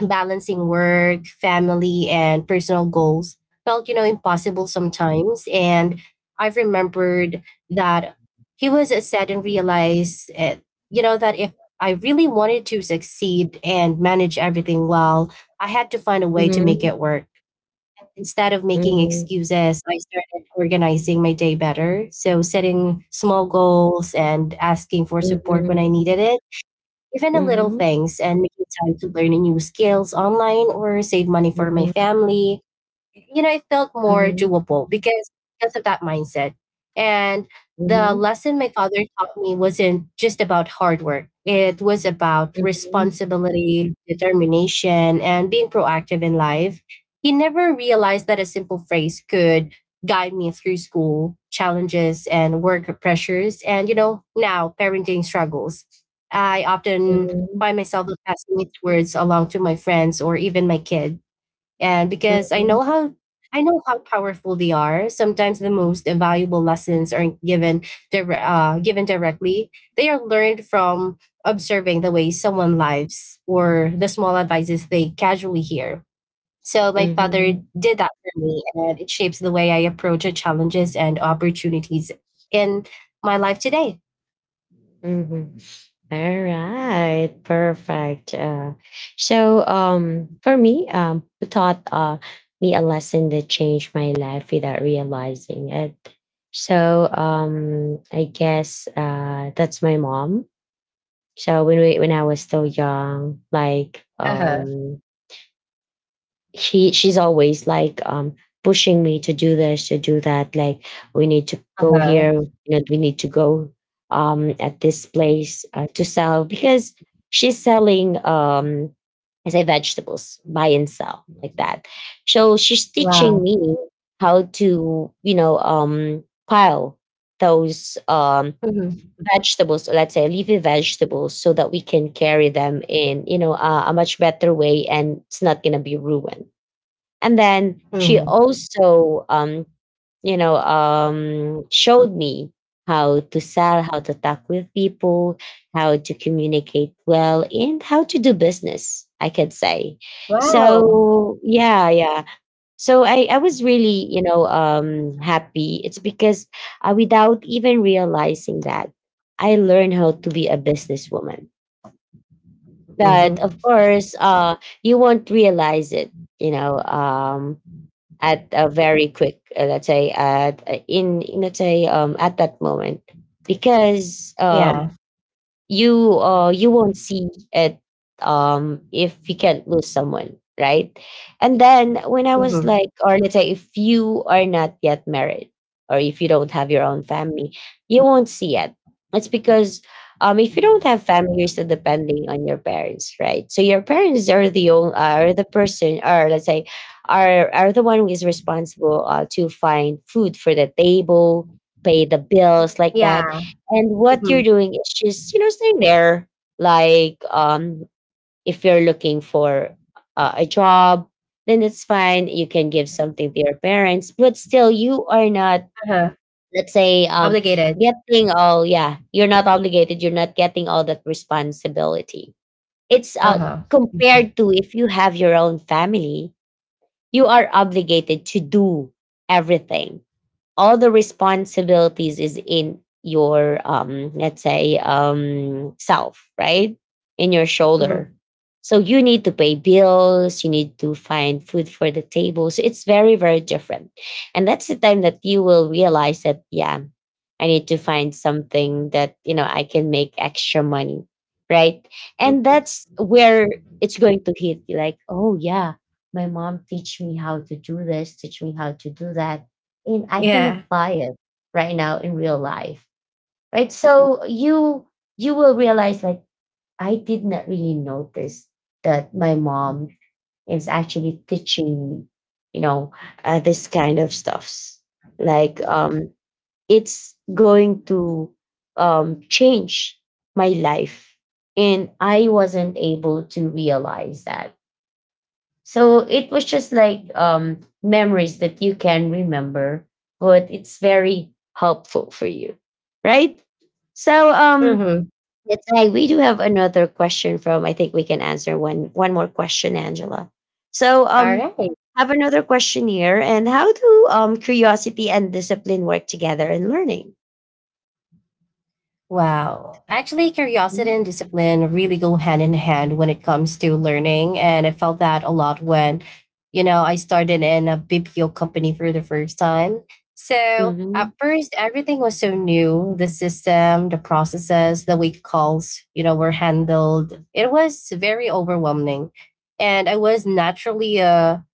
Speaker 2: Balancing work, family, and personal goals felt, impossible sometimes. And I've remembered that he was sad and realized, that if I really wanted to succeed and manage everything well, I had to find a way to make
Speaker 1: Mm-hmm.
Speaker 2: it work. Instead of making
Speaker 1: Mm-hmm.
Speaker 2: excuses, I started organizing my day better. So, setting small goals and asking for support when I
Speaker 1: Mm-hmm.
Speaker 2: needed it, even the little
Speaker 1: Mm-hmm.
Speaker 2: things, and making time to learn new skills online or save money for my
Speaker 1: Mm-hmm.
Speaker 2: family. It felt more
Speaker 1: Mm-hmm.
Speaker 2: doable because of that mindset. And
Speaker 1: Mm-hmm.
Speaker 2: the
Speaker 1: Mm-hmm.
Speaker 2: lesson my father taught me wasn't just about hard work. It was about
Speaker 1: Mm-hmm.
Speaker 2: responsibility, determination, and being proactive in life. He never realized that a simple phrase could guide me through school challenges and work pressures and now parenting struggles. I often
Speaker 1: Mm-hmm.
Speaker 2: find myself passing these words along to my friends or even my kids. And because
Speaker 1: Mm-hmm.
Speaker 2: I know how powerful they are, sometimes the most valuable lessons aren't given given directly. They are learned from observing the way someone lives or the small advices they casually hear. So my father
Speaker 1: Mhm.
Speaker 2: did that for me, and it shapes the way I approach the challenges and opportunities in my life today.
Speaker 1: Mhm. All right. Perfect. So for me, taught me a lesson that changed my life without realizing it. So I guess that's my mom. So when I was still young, like
Speaker 2: Uh huh.
Speaker 1: he she's always like pushing me to do this, to do that, like we need to
Speaker 2: Uh
Speaker 1: go
Speaker 2: huh.
Speaker 1: here, you know, we need to go at this place to sell because she's selling I say vegetables, buy and sell like that. So she's teaching
Speaker 2: Wow.
Speaker 1: me how to, you know, pile those
Speaker 2: Mm-hmm.
Speaker 1: vegetables, or let's say leafy vegetables, so that we can carry them in, you know, a much better way and it's not going to be ruined. And then she
Speaker 2: Mm-hmm.
Speaker 1: also, you know, showed me how to sell, how to talk with people, how to communicate well, and how to do business, I could say.
Speaker 2: Wow.
Speaker 1: So, yeah, yeah. So I was really, you know, happy. It's because without even realizing that, I learned how to be a businesswoman.
Speaker 2: Mm-hmm.
Speaker 1: But of course, you won't realize it, you know, at a very quick, let's say at let's say at that moment, because
Speaker 2: Yeah.
Speaker 1: you won't see it, if you can't lose someone, right? And then when I was
Speaker 2: Mm-hmm.
Speaker 1: like, or let's say, if you are not yet married or if you don't have your own family, you won't see it. It's because if you don't have family, you're still depending on your parents, right? So your parents are the person or let's say, are the one who is responsible to find food for the table, pay the bills
Speaker 2: Yeah.
Speaker 1: like that. And
Speaker 2: Mm-hmm.
Speaker 1: what you're doing is just, you know, staying there. Like, if you're looking for a job, then it's fine. You can give something to your parents, but still, you are not,
Speaker 2: Uh-huh.
Speaker 1: let's say,
Speaker 2: Obligated.
Speaker 1: getting all, yeah, you're not obligated. You're not getting all that responsibility. It's
Speaker 2: Uh-huh. Mhm.
Speaker 1: compared to if you have your own family, you are obligated to do everything. All the responsibilities is in your, let's say, self, right, in your shoulder.
Speaker 2: Mhm.
Speaker 1: So you need to pay bills, you need to find food for the table, so it's very, very different. And that's the time that you will realize that, yeah, I need to find something that, you know, I can make extra money, right? And that's where it's going to hit you, like, oh yeah, my mom teach me how to do this, teach me how to do that, and I can
Speaker 2: Yeah.
Speaker 1: apply it right now in real life. Right. So you will realize like, I did not really notice that my mom is actually teaching me, you know, this kind of stuffs. Like, it's going to change my life. And I wasn't able to realize that, so it was just like, memories that you can remember, but it's very helpful for you, right? So
Speaker 2: Mhm.
Speaker 1: that's why we do have another question from. I think we can answer one more question, Angela. So
Speaker 2: All right.
Speaker 1: have another question here, and how do curiosity and discipline work together in learning?
Speaker 2: Wow. Actually, curiosity
Speaker 1: Mm-hmm.
Speaker 2: and discipline really go hand in hand when it comes to learning. And I felt that a lot when, I started in a BPO company for the first time. So at
Speaker 1: Mm-hmm.
Speaker 2: first, everything was so new: the system, the processes, the way calls, were handled. It was very overwhelming. And I was naturally a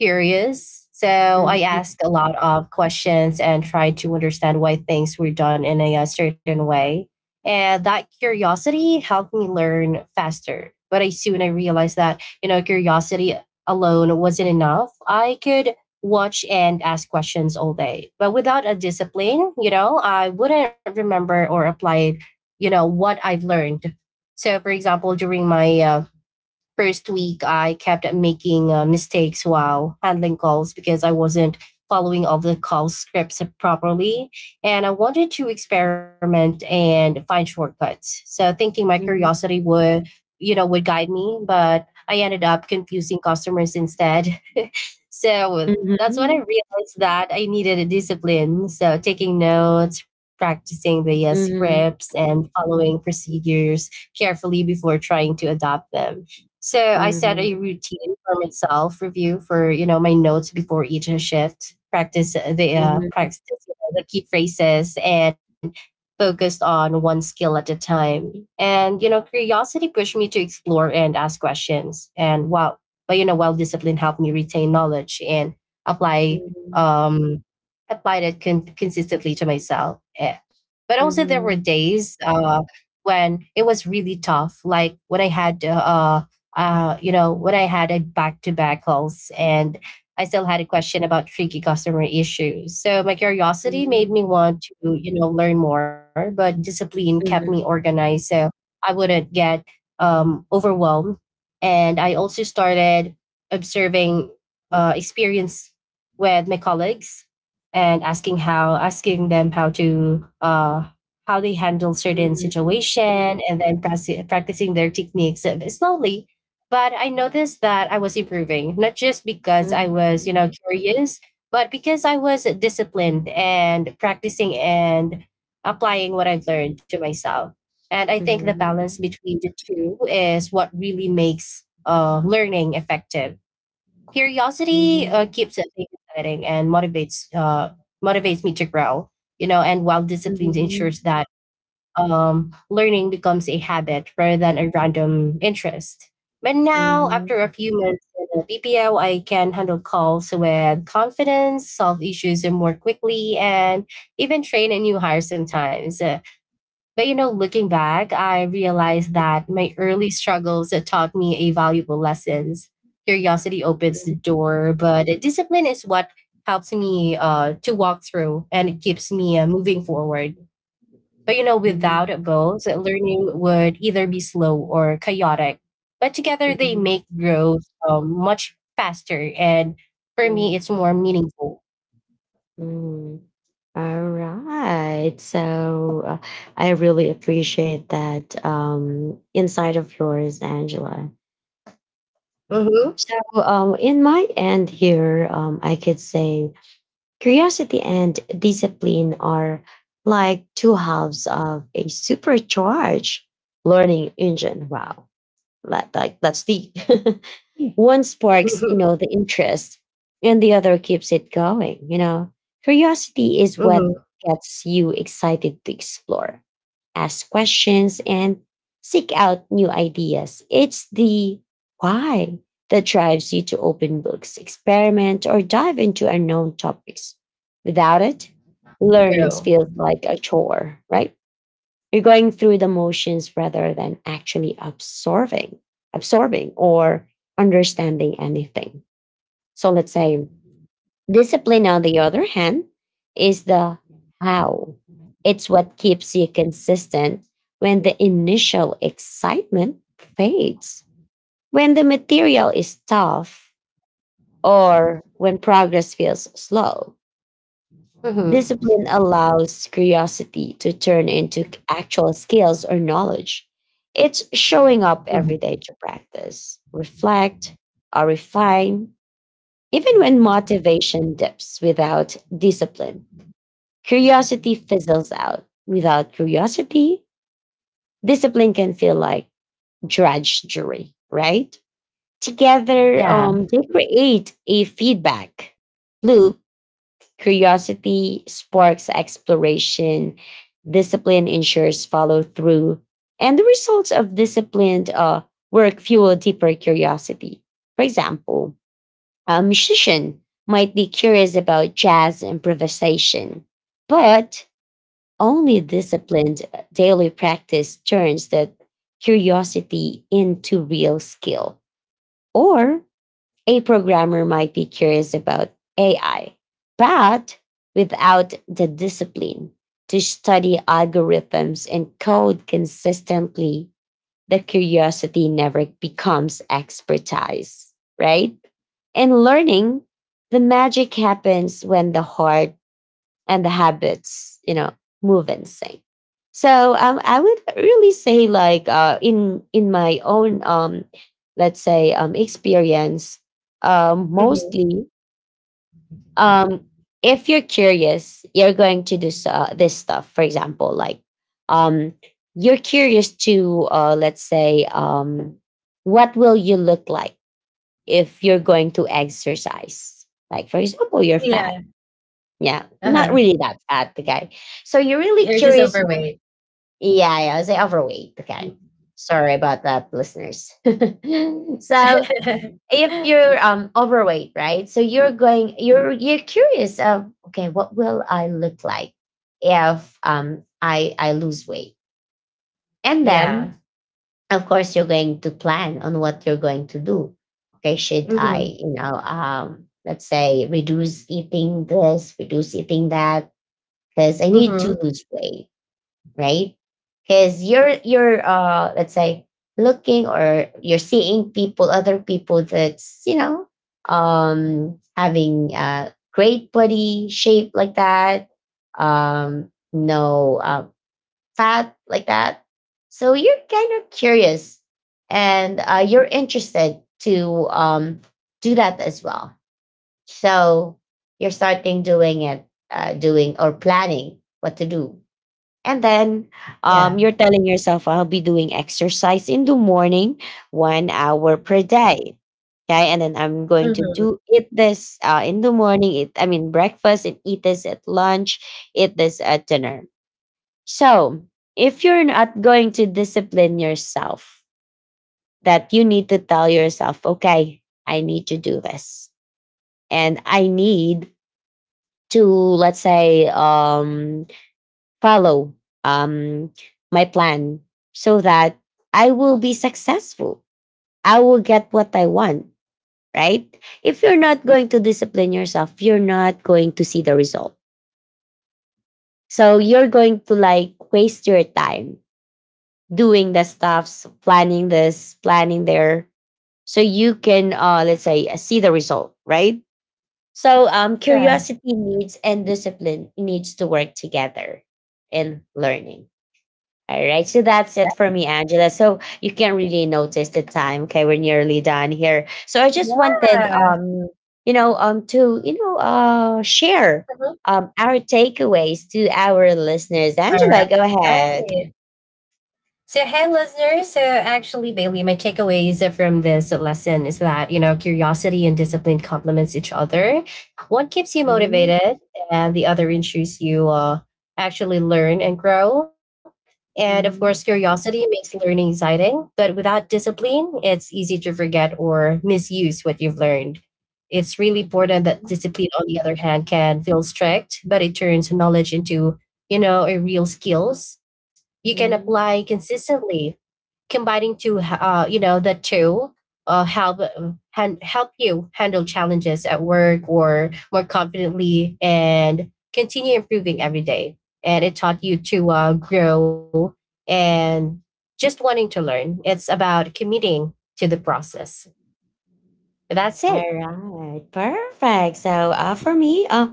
Speaker 2: curious. So I asked a lot of questions and tried to understand why things were done in a, certain way. And that curiosity helped me learn faster. But I realized that, curiosity alone wasn't enough. I could watch and ask questions all day. But without a discipline, I wouldn't remember or apply, what I've learned. So for example, during my first week I kept making mistakes while handling calls because I wasn't following all the call scripts properly. And I wanted to experiment and find shortcuts. So thinking my
Speaker 1: Mm-hmm.
Speaker 2: curiosity would, guide me, but I ended up confusing customers instead. so that's when I
Speaker 1: Mm-hmm.
Speaker 2: realized that I needed a discipline. So taking notes, practicing the
Speaker 1: Mm-hmm.
Speaker 2: scripts, and following procedures carefully before trying to adopt them. So I set a routine for myself, review for my notes before each shift,
Speaker 1: Mm-hmm.
Speaker 2: practice the key phrases, and focused on one skill at a time. And curiosity pushed me to explore and ask questions. And while discipline helped me retain knowledge and apply um applied it consistently to myself. But also there were
Speaker 1: Mm-hmm.
Speaker 2: days when it was really tough, like when I had a back to back calls and I still had a question about tricky customer issues. So my curiosity made
Speaker 1: Mm-hmm.
Speaker 2: me want to, learn more, but discipline kept me
Speaker 1: Mhm,
Speaker 2: organized so I wouldn't get overwhelmed. And I also started observing experience with my colleagues and asking them how to how they handle certain
Speaker 1: mhm,
Speaker 2: situation, and then practicing their techniques slowly. But I noticed that I was improving, not just because I
Speaker 1: mhm,
Speaker 2: was, curious, but because I was disciplined and practicing and applying what I've learned to myself. And I
Speaker 1: mhm,
Speaker 2: think the balance
Speaker 1: mhm,
Speaker 2: between the two is what really makes learning effective. Curiosity
Speaker 1: mhm,
Speaker 2: uh, keeps it exciting and motivates me to grow. And while
Speaker 1: mhm,
Speaker 2: discipline ensures
Speaker 1: mhm,
Speaker 2: that learning becomes a habit rather than a random interest. But now, after a few months in the BPO, I can handle calls with confidence, solve issues more quickly, and even train a new hire sometimes. But looking back, I realized that my early struggles taught me a valuable lessons. Curiosity opens the door, but discipline is what helps me to walk through and it keeps me moving forward. But without it
Speaker 1: mhm,
Speaker 2: both, learning would either be slow or chaotic. But together, they
Speaker 1: mhm,
Speaker 2: make growth much faster, and for
Speaker 1: mhm.
Speaker 2: me, it's more meaningful.
Speaker 1: All right. So I really appreciate that insight of yours, Angela.
Speaker 2: Mm-hmm.
Speaker 1: So, in my end here, I could say curiosity and discipline are like two halves of a supercharged learning engine. Wow. Like that's deep. One sparks, you know, the interest, and the other keeps it going. You know, curiosity is what
Speaker 2: Mm-hmm.
Speaker 1: gets you excited to explore, ask questions, and seek out new ideas. It's the why that drives you to open books, experiment, or dive into unknown topics. Without it, learning
Speaker 2: True.
Speaker 1: feels like a chore, right? You're going through the motions rather than actually absorbing or understanding anything. So let's say discipline, on the other hand, is the how. It's what keeps you consistent when the initial excitement fades, when the material is tough, or when progress feels slow. Discipline
Speaker 2: Mm-hmm.
Speaker 1: allows curiosity to turn into actual skills or knowledge. It's showing up every day to practice, reflect, or refine. Even when motivation dips without discipline, curiosity fizzles out. Without curiosity, discipline can feel like drudgery, right? Together,
Speaker 2: Yeah.
Speaker 1: they create a feedback loop. Curiosity sparks exploration, discipline ensures follow through, and the results of disciplined work fuel deeper curiosity. For example, a musician might be curious about jazz improvisation, but only disciplined daily practice turns that curiosity into real skill. Or a programmer might be curious about AI, but without the discipline to study algorithms and code consistently, the curiosity never becomes expertise, right? And learning, the magic happens when the heart and the habits, you know, move in sync. So I would really say, in my own, let's say, experience, mostly, um, if you're curious, you're going to do this stuff. For example, um, you're curious to, let's say, what will you look like if you're going to exercise? Like for example, you're
Speaker 2: Yeah,
Speaker 1: fat, yeah, not
Speaker 2: uh-huh.
Speaker 1: really that fat. Okay. So you're really
Speaker 2: You're just
Speaker 1: curious what,
Speaker 2: overweight.
Speaker 1: yeah, yeah, I say overweight. Okay. Sorry about that, listeners. So if you're overweight, right? So you're going, you're curious of, okay, what will I look like if I lose weight? And
Speaker 2: Yeah.
Speaker 1: then of course you're going to plan on what you're going to do. Okay, should
Speaker 2: Mhm.
Speaker 1: I, you know, let's say reduce eating this, reduce eating that because I need to
Speaker 2: Mhm.
Speaker 1: lose weight, right? Because you're let's say looking or you're seeing people, other people that's, you know, having a great body shape like that, no fat like that. So you're kind of curious and you're interested to do that as well. So you're starting doing it, doing or planning what to do, and then
Speaker 2: Yeah.
Speaker 1: you're telling yourself, I'll be doing exercise in the morning, 1 hour per day. Okay. And then I'm going to
Speaker 2: Mhm.
Speaker 1: do, eat this in the morning, eat, I mean, breakfast, and eat this at lunch, eat this at dinner. So if you're not going to discipline yourself, that you need to tell yourself, okay, I need to do this. And I need to, let's say, follow um, my plan so that I will be successful. I will get what I want, right? If you're not going to discipline yourself, you're not going to see the result. So you're going to like waste your time doing the stuffs, planning this, planning there, so you can, let's say, see the result, right? So
Speaker 2: Try.
Speaker 1: curiosity needs and discipline needs to work together in learning. All right, so that's it
Speaker 2: Yeah.
Speaker 1: for me, Angela. So you can really notice the time. Okay, we're nearly done here. So I just wanted,
Speaker 2: Yeah.
Speaker 1: you know, to, you know, share
Speaker 2: Mhm.
Speaker 1: our takeaways to our listeners. Angela, go ahead.
Speaker 2: Alright. So, hey, listeners. So, actually, Bailey, my takeaways from this lesson is that, curiosity and discipline complements each other. One keeps you
Speaker 1: Mhm,
Speaker 2: motivated, and the other ensures you actually learn and grow. And of course,
Speaker 1: mhm,
Speaker 2: curiosity makes learning exciting, but without discipline, it's easy to forget or misuse what you've learned. It's really important that
Speaker 1: mhm,
Speaker 2: discipline, on the other hand, can feel strict, but it turns knowledge into, a real skills you can
Speaker 1: mhm.
Speaker 2: apply consistently, combining to the two uh, help help you handle challenges at work or more confidently and continue improving every day, and it taught you to grow and just wanting to learn. It's about committing to the process. That's
Speaker 1: All
Speaker 2: it.
Speaker 1: right, perfect. So for me, uh,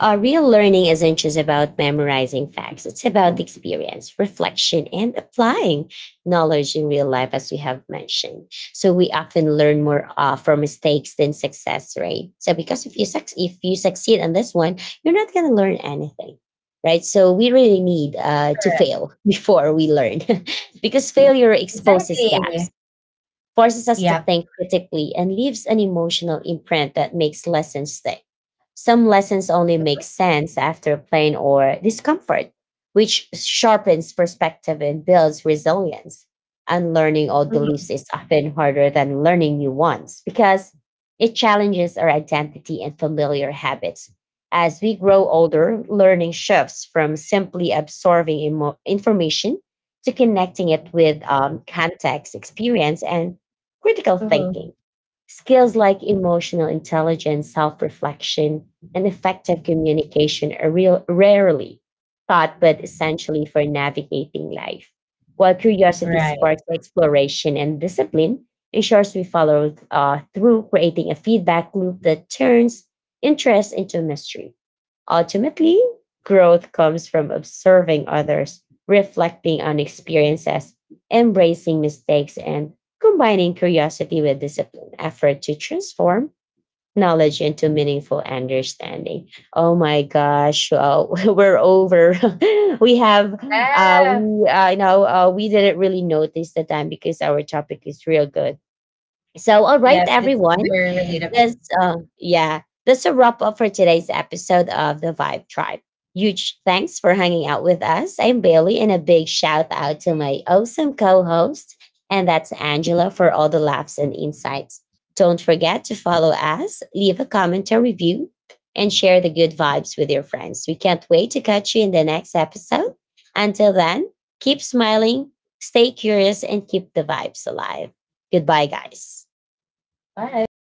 Speaker 1: uh, real learning isn't just about memorizing facts. It's about the experience, reflection, and applying knowledge in real life, as we have mentioned. So we often learn more from mistakes than success, right? So because if you succeed on this one, you're not gonna learn anything, right? So we really need to
Speaker 2: Correct.
Speaker 1: fail before we learn, because failure exposes
Speaker 2: Exactly.
Speaker 1: gaps, forces us to
Speaker 2: Yep.
Speaker 1: think critically, and leaves an emotional imprint that makes lessons stick. Some lessons only make sense after pain or discomfort, which sharpens perspective and builds resilience. Unlearning old beliefs
Speaker 2: Mhm.
Speaker 1: is often harder than learning new ones because it challenges our identity and familiar habits. As we grow older, learning shifts from simply absorbing information to connecting it with context, experience, and critical thinking.
Speaker 2: Mhm.
Speaker 1: Skills like emotional intelligence, self reflection, and effective communication are real, rarely taught but essentially for navigating life. While curiosity
Speaker 2: Right.
Speaker 1: sparks exploration and discipline ensures we follow through, creating a feedback loop that turns interest into mystery. Ultimately, growth comes from observing others, reflecting on experiences, embracing mistakes, and combining curiosity with disciplined effort to transform knowledge into meaningful understanding. Oh my gosh, we're over. We have,
Speaker 2: Ah,
Speaker 1: you know, we didn't really notice the time because our topic is real good. So, all right,
Speaker 2: yep. It's
Speaker 1: everyone.
Speaker 2: very relatable.
Speaker 1: That's yeah. That's a wrap up for today's episode of the Vibe Tribe. Huge thanks for hanging out with us. I'm Bailey, and a big shout out to my awesome co-host, and that's Angela, for all the laughs and insights. Don't forget to follow us, leave a comment or review, and share the good vibes with your friends. We can't wait to catch you in the next episode. Until then, keep smiling, stay curious, and keep the vibes alive. Goodbye, guys.
Speaker 2: Bye.